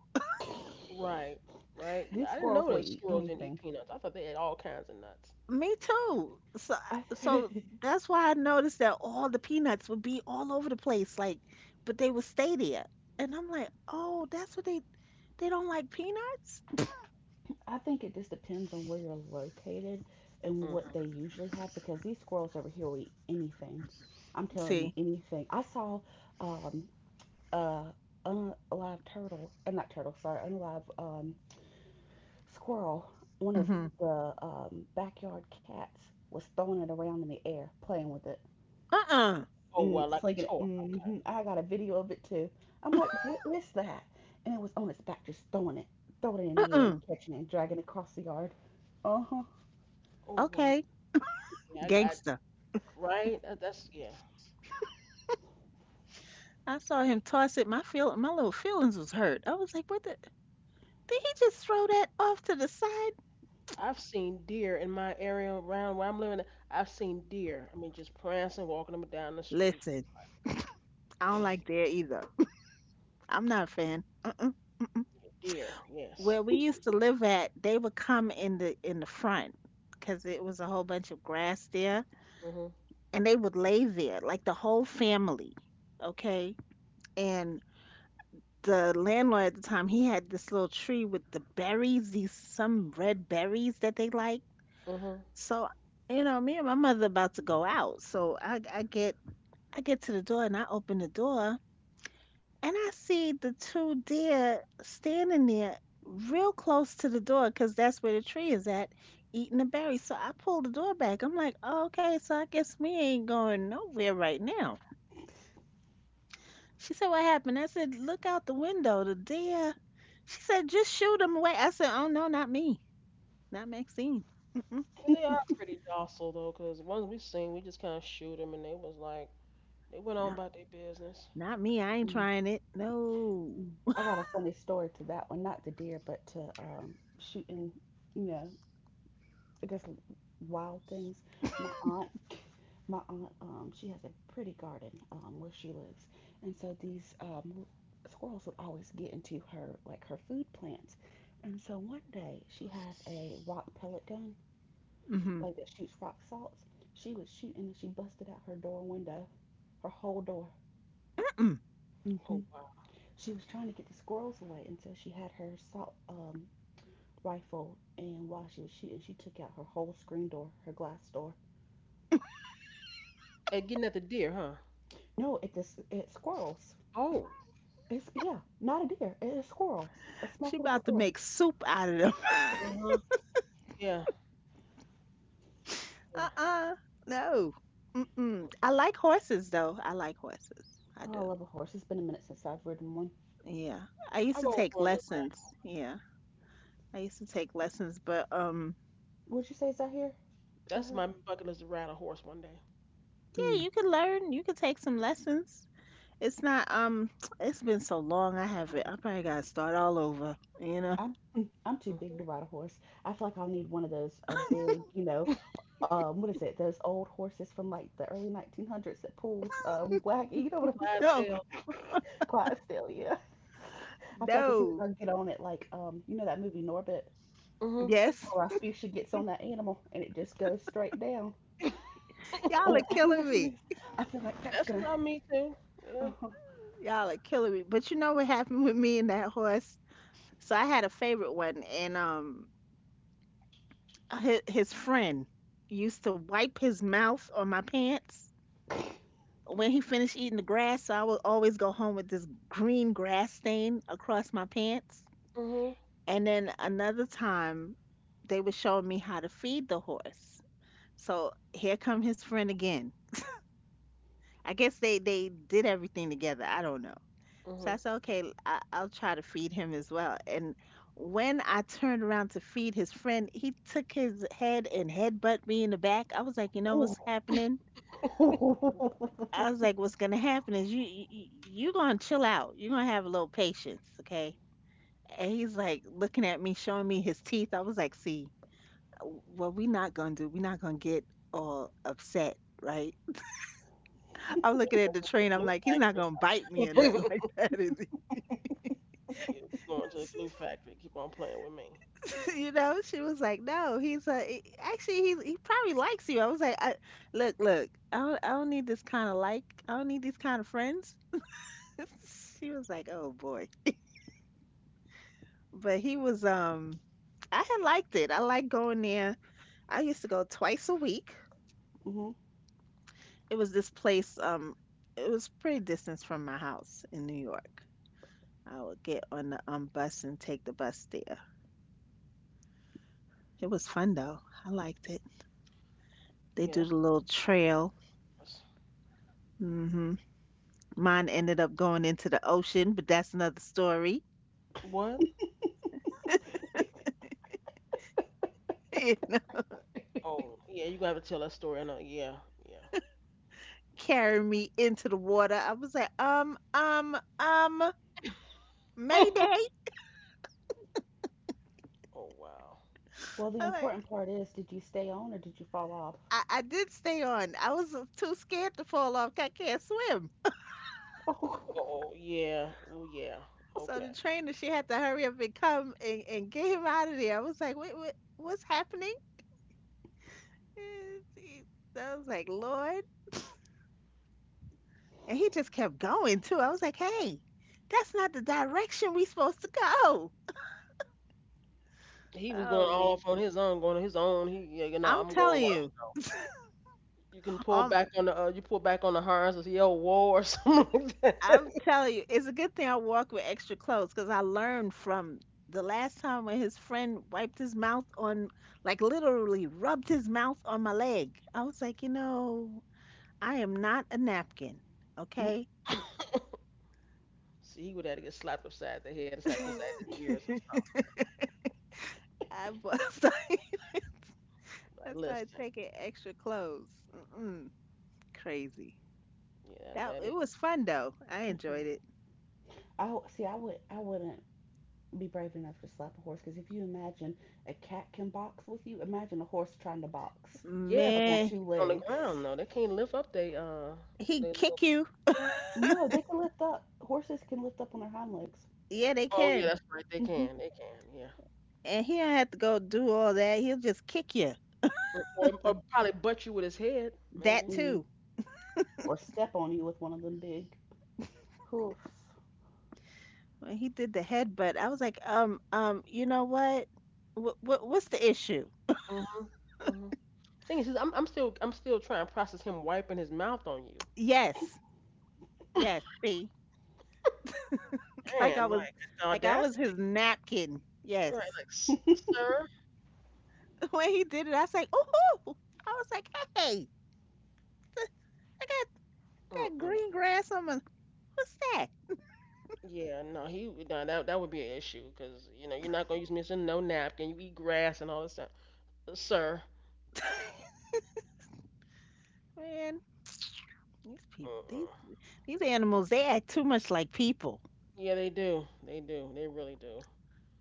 Right. Right. These Yeah. I didn't squirrels know will that eat squirrels didn't eat anything. peanuts. I thought they ate all kinds of nuts. Me too. So, I, so <laughs> that's why I noticed that all the peanuts would be all over the place, like, but they would stay there. And I'm like, oh, that's what they they don't like peanuts. I think it just depends on where you're located and Hmm. what they usually have because these squirrels over here will eat anything. I'm telling you, See, anything. I saw um, uh, unalive turtle, uh, not turtle, sorry, unalive um, squirrel, one of mm-hmm. the um, backyard cats was throwing it around in the air, playing with it, uh-uh, Oh wow, mm, like a slinging it. toy. hmm I got a video of it too. I'm like, <laughs> what is that? And it was on its back, just throwing it, throwing it in the air uh-uh. and catching it and dragging it across the yard. Uh huh. Oh wow. Okay, Yeah. I. I gangster. right. That, that's yeah. I saw him toss it. My feel my little feelings was hurt. I was like, what the? Did he just throw that off to the side? I've seen deer in my area around where I'm living. I've seen deer. I mean, just prancing, walking them down the street. Listen, I don't like Hmm. that either. <laughs> I'm not a fan. Deer. Yes. Where we used to live at, they would come in the in the front because it was a whole bunch of grass there, Mhm. and they would lay there like the whole family, okay? And the landlord at the time, he had this little tree with the berries, these some red berries that they like. Mhm. So, you know, me and my mother about to go out, so I I get I get to the door and I open the door and I see the two deer standing there real close to the door because that's where the tree is at, eating the berries. So I pulled the door back. I'm like, oh, okay, so I guess we ain't going nowhere right now. She said, what happened? I said, look out the window, the deer. She said, just shoot him away. I said, oh, no, not me. Not Maxine. Mm-mm. But they are pretty docile though, 'cause ones we seen, we just kind of shoot them, and they was like, they went No, on about their business. not me. I ain't Mm, trying it. No. mm. I got a funny story to that one, not the deer, but to um, shooting, you know, different wild things. My aunt, my aunt, um, she has a pretty garden um, where she lives, and so these um, squirrels would always get into her like her food plants. And so one day she has a rock pellet gun, Mm-hmm. like that shoots rock salts. She was shooting and she busted out her door window, her whole door. Mm-mm. hmm Oh wow. She was trying to get the squirrels away, and so she had her salt um, rifle. And while she was shooting, she took out her whole screen door, her glass door. And getting at the deer, huh? No, it's a s it's squirrels. Oh. It's, yeah, not a deer. It's a squirrel, a small She little Oh. about to squirrel. make soup out of them. Uh <laughs> huh. Yeah. Yeah. Uh-uh. No. Mm-mm. I like horses though. I like horses. I Oh, I do. love a horse. It's been a minute since I've ridden one. Yeah. I used I've to always take wanted to ride. lessons. Yeah. I used to take lessons, but um Would you say is that here? Is that That's her? my bucket list to ride a horse one day. yeah, Mm. you can learn. You can take some lessons. It's not um <tsk> it's been so long I haven't. I probably gotta start all over, you know. I'm <laughs> mm, I'm too big to ride a horse. I feel like I'll need one of those a <laughs> big, you know, Mhm. um, what is it? Those old horses from like the early nineteen hundreds that pulls um wagon. You know what <laughs> I'm talking No. Clydesdale. about? <laughs> Clydesdale, yeah. I feel like as soon as No. I get on it, like um, you know that movie Norbit. Mhm. Yes. Rossby should gets on that animal and it just goes straight down. <laughs> Y'all are Or I <laughs> think killing that's what it me. is. I feel like that's That's gonna. about me too. Yeah. Uh-huh. Y'all are killing me. But you know what happened with me and that horse? So I had a favorite one and um his, his friend used to wipe his mouth on my pants when he finished eating the grass. So I would always go home with this green grass stain across my pants. Mhm. And then another time, they were showing me how to feed the horse. So here come his friend again. I guess they they did everything together. I don't know. So I Mhm. said, okay, I- I'll try to feed him as well. And when I turned around to feed his friend, he took his head and headbutt me in the back. I was like, you know what's happening? <laughs> Hmm. I was like, what's gonna happen is you you you gonna chill out. You're gonna have a little patience, okay? And he's like looking at me, showing me his teeth. I was like, see, what we not gonna do? we not gonna get all upset, right? I'm We're looking at gonna the go train. I'm to like, he's not gonna bite the me glue or nothing <laughs> like factory. <laughs> that, is he? Yeah, we going to the glue <laughs> factory. Keep on playing with me. <laughs> you know, she was like, "No, he's a he- actually he he probably likes you." I was like, I, "Look, look, I don't I don't need this kind of like. I don't need these kind of friends." <laughs> she was like, "Oh boy," but he was um. I had liked it. I liked going there. I used to go twice a week. It was this place um. It was pretty distance from my house in New York. I would get on the um bus and take the bus there. It was fun though. I liked it. They do Yes. the little trail. Hmm. Mine ended up going into the ocean, but that's another story. What? <laughs> You know, Oh, yeah, you going to have to tell that story. I know. Yeah, yeah. carrying me into the water. I was like, um, um, um, Oh, Mayday. <laughs> oh wow. <laughs> Well, the I'm like, important part is, did you stay on or did you fall off? I, I did stay on. I was too scared to fall off. 'Cause I can't swim. <laughs> Oh, oh yeah. Oh yeah. So Okay. the trainer, she had to hurry up and come and, and get him out of there. I was like, wait, what, what's happening? Eh, he- I was like, Lord. And he just kept going too. I was like, hey, that's not the direction we supposed to go. He was Oh going all man. off on his own, going on his own. He, yeah, you know, I'm I'm going. telling Well, you. I'm, you can pull Um, back on the, uh, you pull back on the harness and yell whoa or <laughs> something like that. I'm telling you, it's a good thing I walk with extra clothes because I learned from the last time when his friend wiped his mouth on, like literally rubbed his mouth on my leg. I was like, you know, I am not a napkin, Oh. okay? See, he would have to get slapped upside the head, slapped upside his <laughs> I ears or something. bu- started, <laughs> So, like, I started listen, taking extra clothes. Mm-mm, crazy. yeah, That that it is. was fun though. I Mm-mm-mm. enjoyed it. I w- see. I would. I wouldn't be brave enough to slap a horse because if you imagine a cat can box with you, imagine a horse trying to box Yeah, but up on Man, two he's on the legs. <laughs> ground though. They can't lift up. They, uh, he they. Little, kick you. <laughs> No, they can lift up. Horses can lift up on their hind legs. Yeah, they oh yeah, can. that's right. They Mm-hmm. can. They can. Yeah. And he don't have to go do all that. He'll just kick you. Or, or or probably butt you with his head, That maybe. Mm. too. Or step on you with one of them big hoofs. When he did the headbutt, I was like, um, um, you know what? What, what what's the issue? Mhm. Mhm. Thing is, I'm I'm still I'm still trying to process him wiping his mouth on you. Yes, yes. See, <laughs> like I Damn, was, like the like I was audacity. his napkin. Right, Yes. like "S- <laughs> sir. <laughs> When he did it, I was like, ooh, I was like, hey, I got, got Mm-mm. green grass on my. What's that, Yeah, no, he would- no, that that would be an issue because you know you're not gonna use me as a no napkin. You eat grass and all this stuff, uh, sir. man? <sniffs> These people, Mm-mm. these these animals, they act too much like people. Yeah, they do, they do, they really do.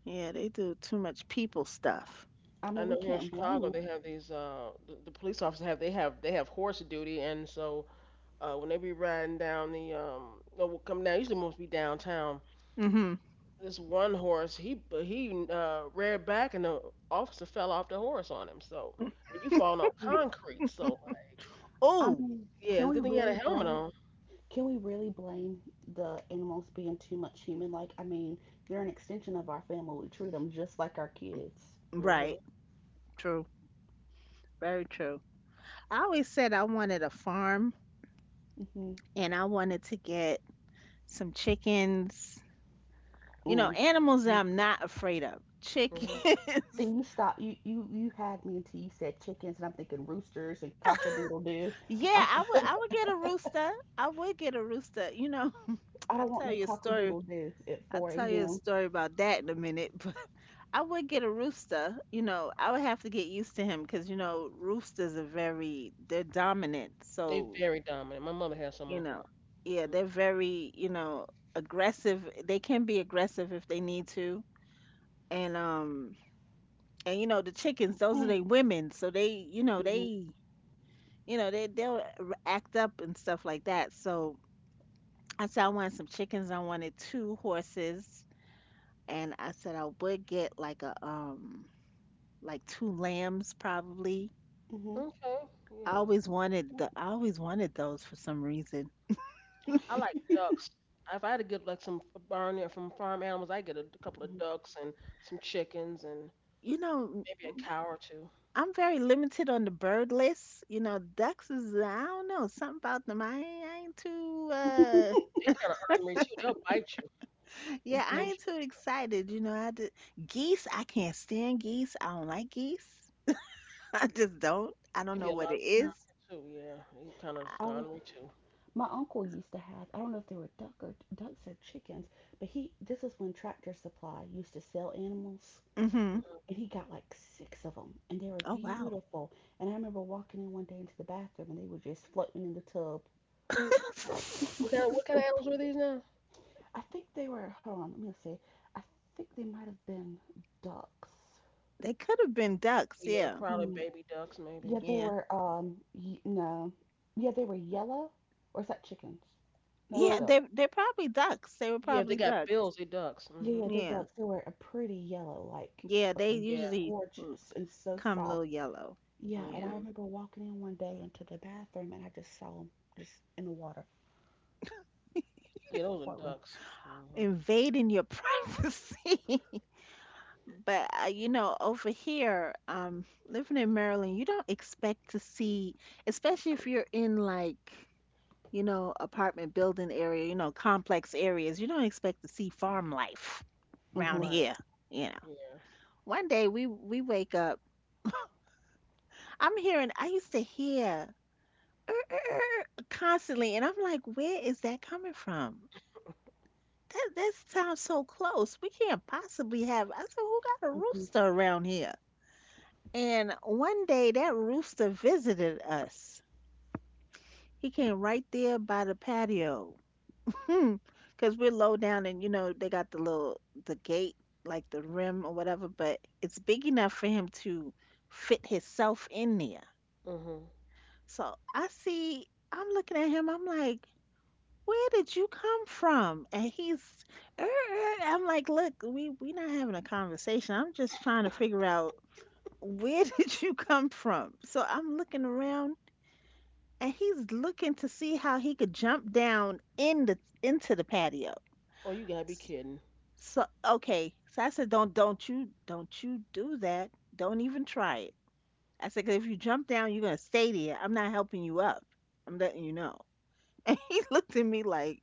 Yeah, they do too much people stuff. I I mean, we know here in can't Chicago blame they have these uh the, the police officers have they have they have horse duty and so Uh, when they be riding down the um, no, well, come down. Usually must be downtown. Hmm This one horse, he he uh, reared back, and the officer fell off the horse on him. So, but you fall on them. concrete. So, like, I Oh, mean, yeah, can it's a we good thing he had a really helmet blame? on. Can we really blame the animals being too much human? Like, I mean, they're an extension of our family. We treat them just like our kids. Mhm. right. True. Very true. I always said I wanted a farm hmm and I wanted to get some chickens, you know, Mm. animals that I'm not afraid of. Chickens. Mhm. See, <laughs> you stop. You you you had me until you said chickens, and I'm thinking roosters and doodle doo. <laughs> Yeah, I, I would I would get a rooster. I would get a rooster. You know, <laughs> <tsk> I I'll don't want tell no you a story. doodle doo at I'll 4 tell you a a.m. story about that in a minute, <laughs> but I would get a rooster. You know, I would have to get used to him because, you know, roosters are very, they're dominant. They So very dominant. My mother has some on you the know, farm. yeah, Mm. they're very, you know, aggressive. They can be aggressive if they need to. And um and you know, the chickens, those are they Mm, women, so they, you know, mhm, they, you know, they they'll r- act up and stuff like that. So I said I wanted some chickens. I wanted two horses, and I said I would get like a um like two lambs probably. mhm, Okay. I Yeah. always wanted the, I always wanted those for some reason, I like ducks. If I had to get like some barn there from farm animals, I get a couple of mhm, ducks and some chickens and you know. maybe a cow or two. I'm very limited on the bird list. You know, ducks is, I don't know, something about them. I ain't, I ain't too uh They kind of ornery too. They'll bite and yeah, I mhm. <clears throat> ain't <laughs> pension too stuff. excited. You know, I just, geese, I can't stand geese. I don't like geese. <laughs> I just don't. I don't It'd be know a what lot of it them Yeah, is. around here too. Yeah, he's kind of I was, sconery too. my uncle used to have, I don't know if they were duck or ducks or chickens, but he, this is when Tractor Supply used to sell animals, Mm-hmm. and Hmm. he got like six of them, and they were Oh, wow. beautiful. And I remember walking in one day into the bathroom, and they were just floating in the tub. <laughs> What kind of what kind of animals were these now? <laughs> I think they were, hold on, let me see. I think they might have been ducks. They could have been ducks. Yeah, Yeah. probably Mm. baby ducks maybe. Yeah, they Something. Yeah. were, um, y no. Yeah, they were yellow, or is that chickens? No, that's Yeah. Well, ducks. They they're probably ducks. They were yeah, if they probably got ducks. bills, they ducks. Yeah, Hmm. yeah, they're Yeah. ducks. They were a pretty yellow, like Yeah. like They a Yeah. usually mm, gorgeous and so come a soft. little yellow. Yeah, and Yeah. I Hmm. remember walking in one day into the bathroom and I just saw them just in the water, Yeah, just those are floating. ducks. Hmm. Invading your <laughs> privacy. But uh, you know, over here, um, living in Maryland, you don't expect to see, especially if you're in like, you know, apartment building area, you know, complex areas, you don't expect to see farm life around Mhm, Right. here. You know, Yeah. one day we we wake up, I'm hearing, I used to hear "Er, er, er, er," constantly, and I'm like, where is that coming from? That that sounds so close. We can't possibly have. I said, who got a mhm. rooster around here? And one day that rooster visited us. He came right there by the patio. Hmm. Because we're low down, and you know they got the little, the gate, like the rim or whatever, but it's big enough for him to fit himself in there. Hmm. So I see. I'm looking at him. I'm like, where did you come from? And he's, "Er, er." I'm like, look, we we not having a conversation. I'm just trying to figure out where <laughs> did you come from. So I'm looking around, and he's looking to see how he could jump down in the, into the patio. Oh, you gotta be kidding. So okay, so I said, don't don't you don't you do that. Don't even try it. I said, 'cause if you jump down, you're gonna stay there. I'm not helping you up. I'm letting you know. <laughs> And he looked at me like,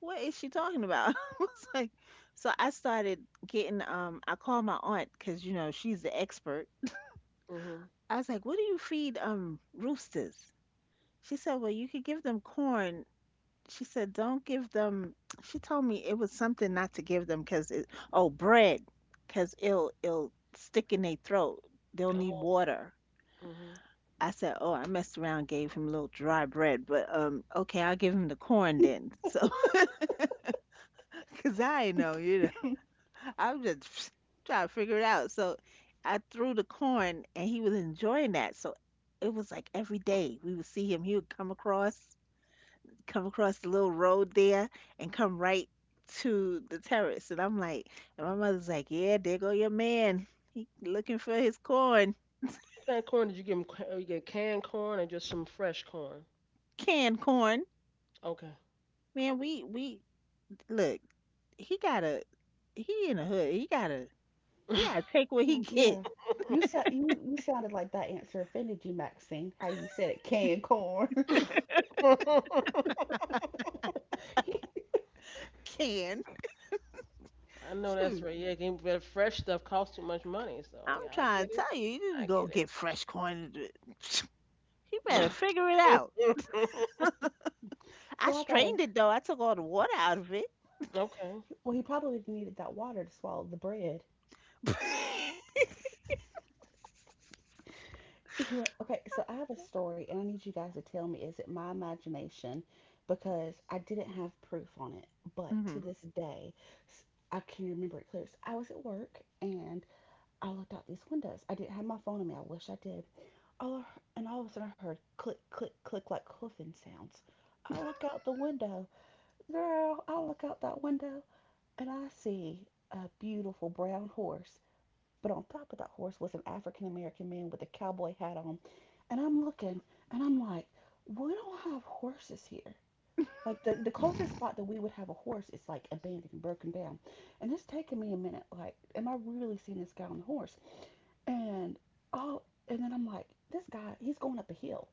what is she talking about? <laughs> I was like, so I started getting, um, I called my aunt because, you know, she's the expert. Hmm. I was like, what do you feed, um, roosters? She said, well, you could give them corn. She said, don't give them, she told me it was something not to give them because it, oh, bread, because it'll, it'll stick in their throat. They'll Oh, need okay. water. Hmm. I said, oh, I messed around, gave him a little dry bread, but, um, okay, I'll give him the corn then. So, <laughs> because I know, you know, I'm just <laughs> <sniffs> trying to figure it out. So I threw the corn and he was enjoying that. So it was like every day we would see him. He would come across, come across the little road there and come right to the terrace. And I'm like, and my mother's like, yeah, there go your man. He looking for his corn, What kind of corn did you give them? You get canned corn or just some fresh corn? canned corn. Okay. Man, we, we, look, he gotta, he in the hood. He gotta, he gotta take what he <laughs> Mm. get. Yeah, you sa <laughs> you you sounded like that answer offended you, Maxine. How you said it, canned corn. <laughs> <laughs> Can I know that's shoot. right. Yeah, getting rid of fresh stuff costs too much money. So I'm yeah, I trying get to it. tell you, you need to I go get it. get fresh coin. And do- <laughs> <sniffs> you better figure it out. <laughs> I So I gotta. strained it though. I took all the water out of it. Okay. Well, he probably needed that water to swallow the bread. <laughs> Anyway, okay, so I have a story and I need you guys to tell me, is it my imagination? Because I didn't have proof on it, but hmm to this day, s- I can remember it clear. So I was at work and I looked out these windows. I didn't have my phone on me. I wish I did. All I, hear- and all of a sudden, I heard click, click, click, like hoofing sounds. I look out the window, girl. I look out that window and I see a beautiful brown horse, but on top of that horse was an African American man with a cowboy hat on. And I'm looking and I'm like, we don't have horses here. Like the, the closest spot that we would have a horse is like abandoned and broken down. And it's taking me a minute, like, am I really seeing this guy on the horse? And oh, and then I'm like, this guy, he's going up a hill.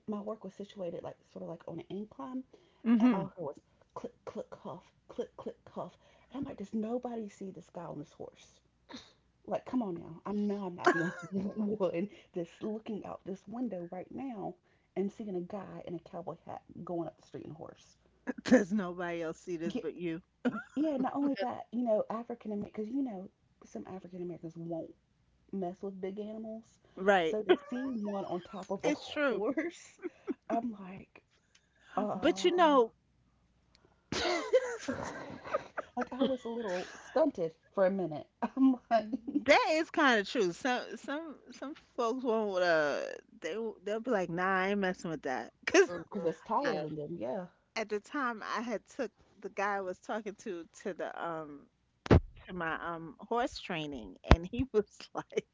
My work was situated like sort of like on an incline, and all hmm I heard was click, click, cuff, click, click, cuff. And I'm like, does nobody see this guy on this horse? Like, come on now. I know I'm not the only <laughs> <laughs> one that's looking out this window right now and seeing a guy in a cowboy hat going up the street on a horse. Does nobody else see this Yeah, but you? yeah, not only that, you know, African Americans, because you know, some African Americans won't mess with big animals. Right. So to see one on top <laughs> of a <laughs> It's true. horse, I'm like, But you uh, know, <laughs> that <sighs> <laughs> like I was a little stunted for a minute. <laughs> I'm like, is kind of true. Some some some folks won't. Uh, they they'll be like, "Nah, I ain't messing with that." <laughs> 'Cause Hmm. because it's taller Yeah. than them, yeah. at the time I had took the guy I was talking to to the um my um horse training, and he <laughs> was like,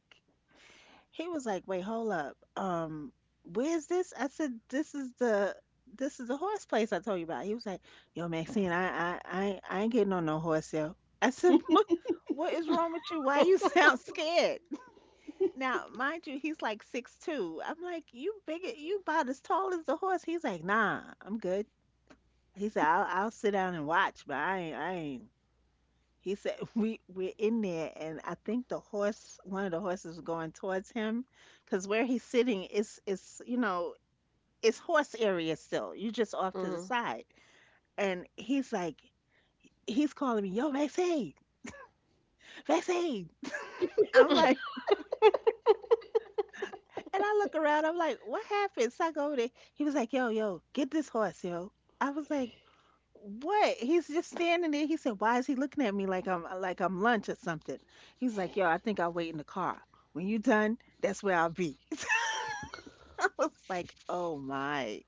he was like, "Wait, hold up. Um, where's this?" I said, "This is the, this is the horse place I told you about." He was like, "Yo, Maxine, I I I, ain't- I ain't getting on no horse, yo." I said, <laughs> "What what is wrong with you? Why you <laughs> sound scared?" <laughs> Now, mind you, he's like six two. I'm like, "You big, you about as tall as the horse." He's like, "Nah, I'm good." He said, "I'll I'll sit down and watch, but I ain't I ain't he said <laughs> we we're in there, and I think the horse, one of the horses, was going towards him, because where he's sitting is is you know, it's horse area still. You just off <laughs> to the Hmm. side, and he's like, he's calling me, "Yo, Maxine, Maxine." I'm like, <laughs> <laughs> and I look around. I'm like, "What happened?" So I go over there. He was like, "Yo, yo, get this horse, yo." I was like, what? He's just standing there. He said, "Why is he looking at me like I'm like I'm lunch or something?" He's like, "Yo, I think I'll wait in the car. When you done, that's where I'll be." <laughs> So it's like, "Oh my."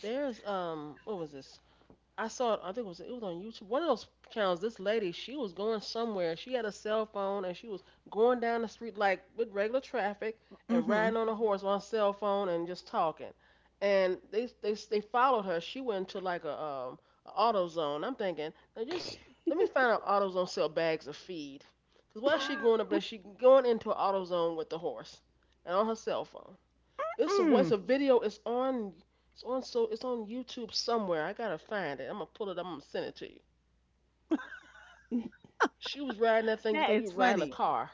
There's um, what was this? I saw it. I think it was it was on YouTube. One of those channels. This lady, she was going somewhere. She had a cell phone and she was going down the street like with regular traffic and Mhm. riding on a horse on a cell phone and just talking. And they they they followed her. She went to like a um a auto zone. I'm thinking now just let me find out AutoZone sell bags of feed. Cause why is she going up there? She going into an auto with the horse and on her cell phone. It's a it's Mm. a video. It's on it's on so it's on YouTube somewhere. I gotta find it. I'm gonna pull it. Up. I'm gonna send it to you. She was riding that thing just That like is you riding a funny. car.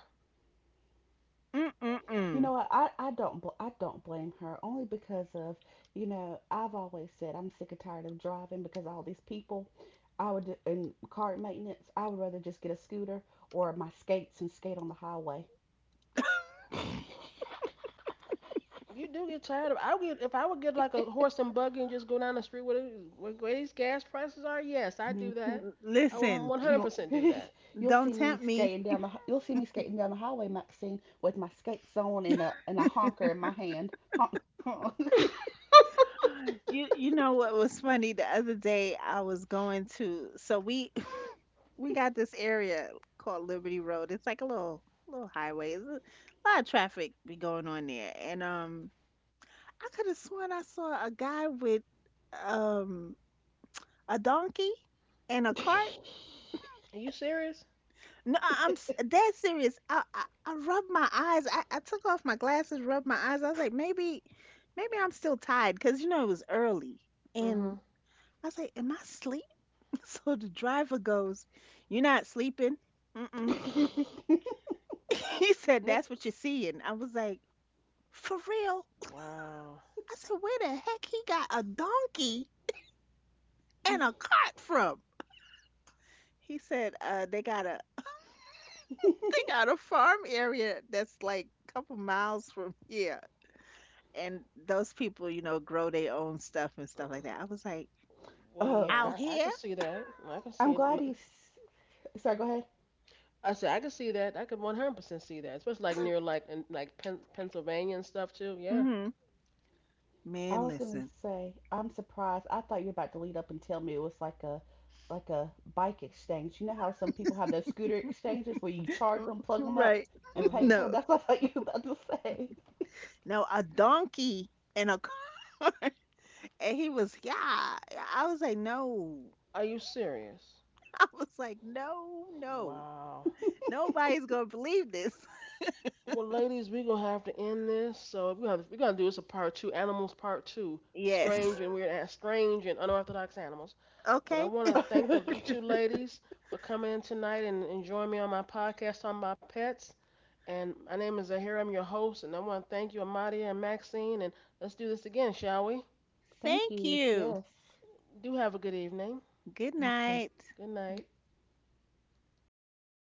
Mm mm You mm. know what? I, I don't bl- I don't blame her, only because of, you know, I've always said I'm sick and tired of driving because all these people, I would in car maintenance, I would rather just get a scooter or my skates and skate on the highway. You do get tired of. I would if I would get like a horse and buggy and just go down the street with it. With where these gas prices are, yes, I do hmm that. I would Listen, You'll one hundred percent do that. <laughs> you'll don't see me tempt me. skating down the hi- you'll see me skating down the highway, Maxine, with my skates on and a <laughs> and a honker in my hand. Honk honk. <laughs> You you know what was funny, the other day I was going to, so we we got this area called Liberty Road. It's like a little little highway. There's a lot of traffic be going on there. And um I could have sworn I saw a guy with um a donkey and a cart. Are you serious? No, I- I'm s- dead serious. I, I I rubbed my eyes. I, I took off my glasses, rubbed my eyes. I was like, maybe maybe I'm still tired because you know it was early. Mm-hmm. And I was like, am I asleep? <laughs> So the driver goes, "You're not sleeping." Mm-mm. <laughs> <laughs> He said, that's what you're seeing. I was like, for real? Wow. I said, where the heck he got a donkey and a cart from? He said, uh, they got a <laughs> they got a farm area that's like a couple miles from here. And those people, you know, grow their own stuff and stuff like Uh, that. I was like, well, Oh, okay. out yeah, I, I here? can see that. I can I'm see it. glad you. s- Sorry, go. I said I could see that. I could one hundred percent see that, especially like near like in, like Pen- Pennsylvania and stuff too. Yeah. Mm-hmm. I Man, was gonna listen. say, I'm surprised. I thought you were about to lead up and tell me it was like a like a bike exchange. You know how some people have those scooter exchanges where you charge them, plug them up, Right. and <laughs> pay Mhm. for them. No. That's what I thought you were about No, a donkey and a cart. <laughs> And he was, yeah. I was like, no. Are you serious? <laughs> I was like, no, no. Wow. Nobody's going to believe this. <laughs> Well, ladies, we gonna have to end this. So we have we gonna do this a part two, animals part two, strange Yes. and weird, and strange and unorthodox animals. But I Okay. want to to thank the you say. two ladies for coming in tonight and, and joining me on my podcast on my pets. And my name is Zahira. I'm your host, and I want to thank you, Amadia and Maxine. And let's do this again, shall we? <laughs> Thank Thank you. you. Yes, Do have a good evening. Good you too. night. Good night. Okay.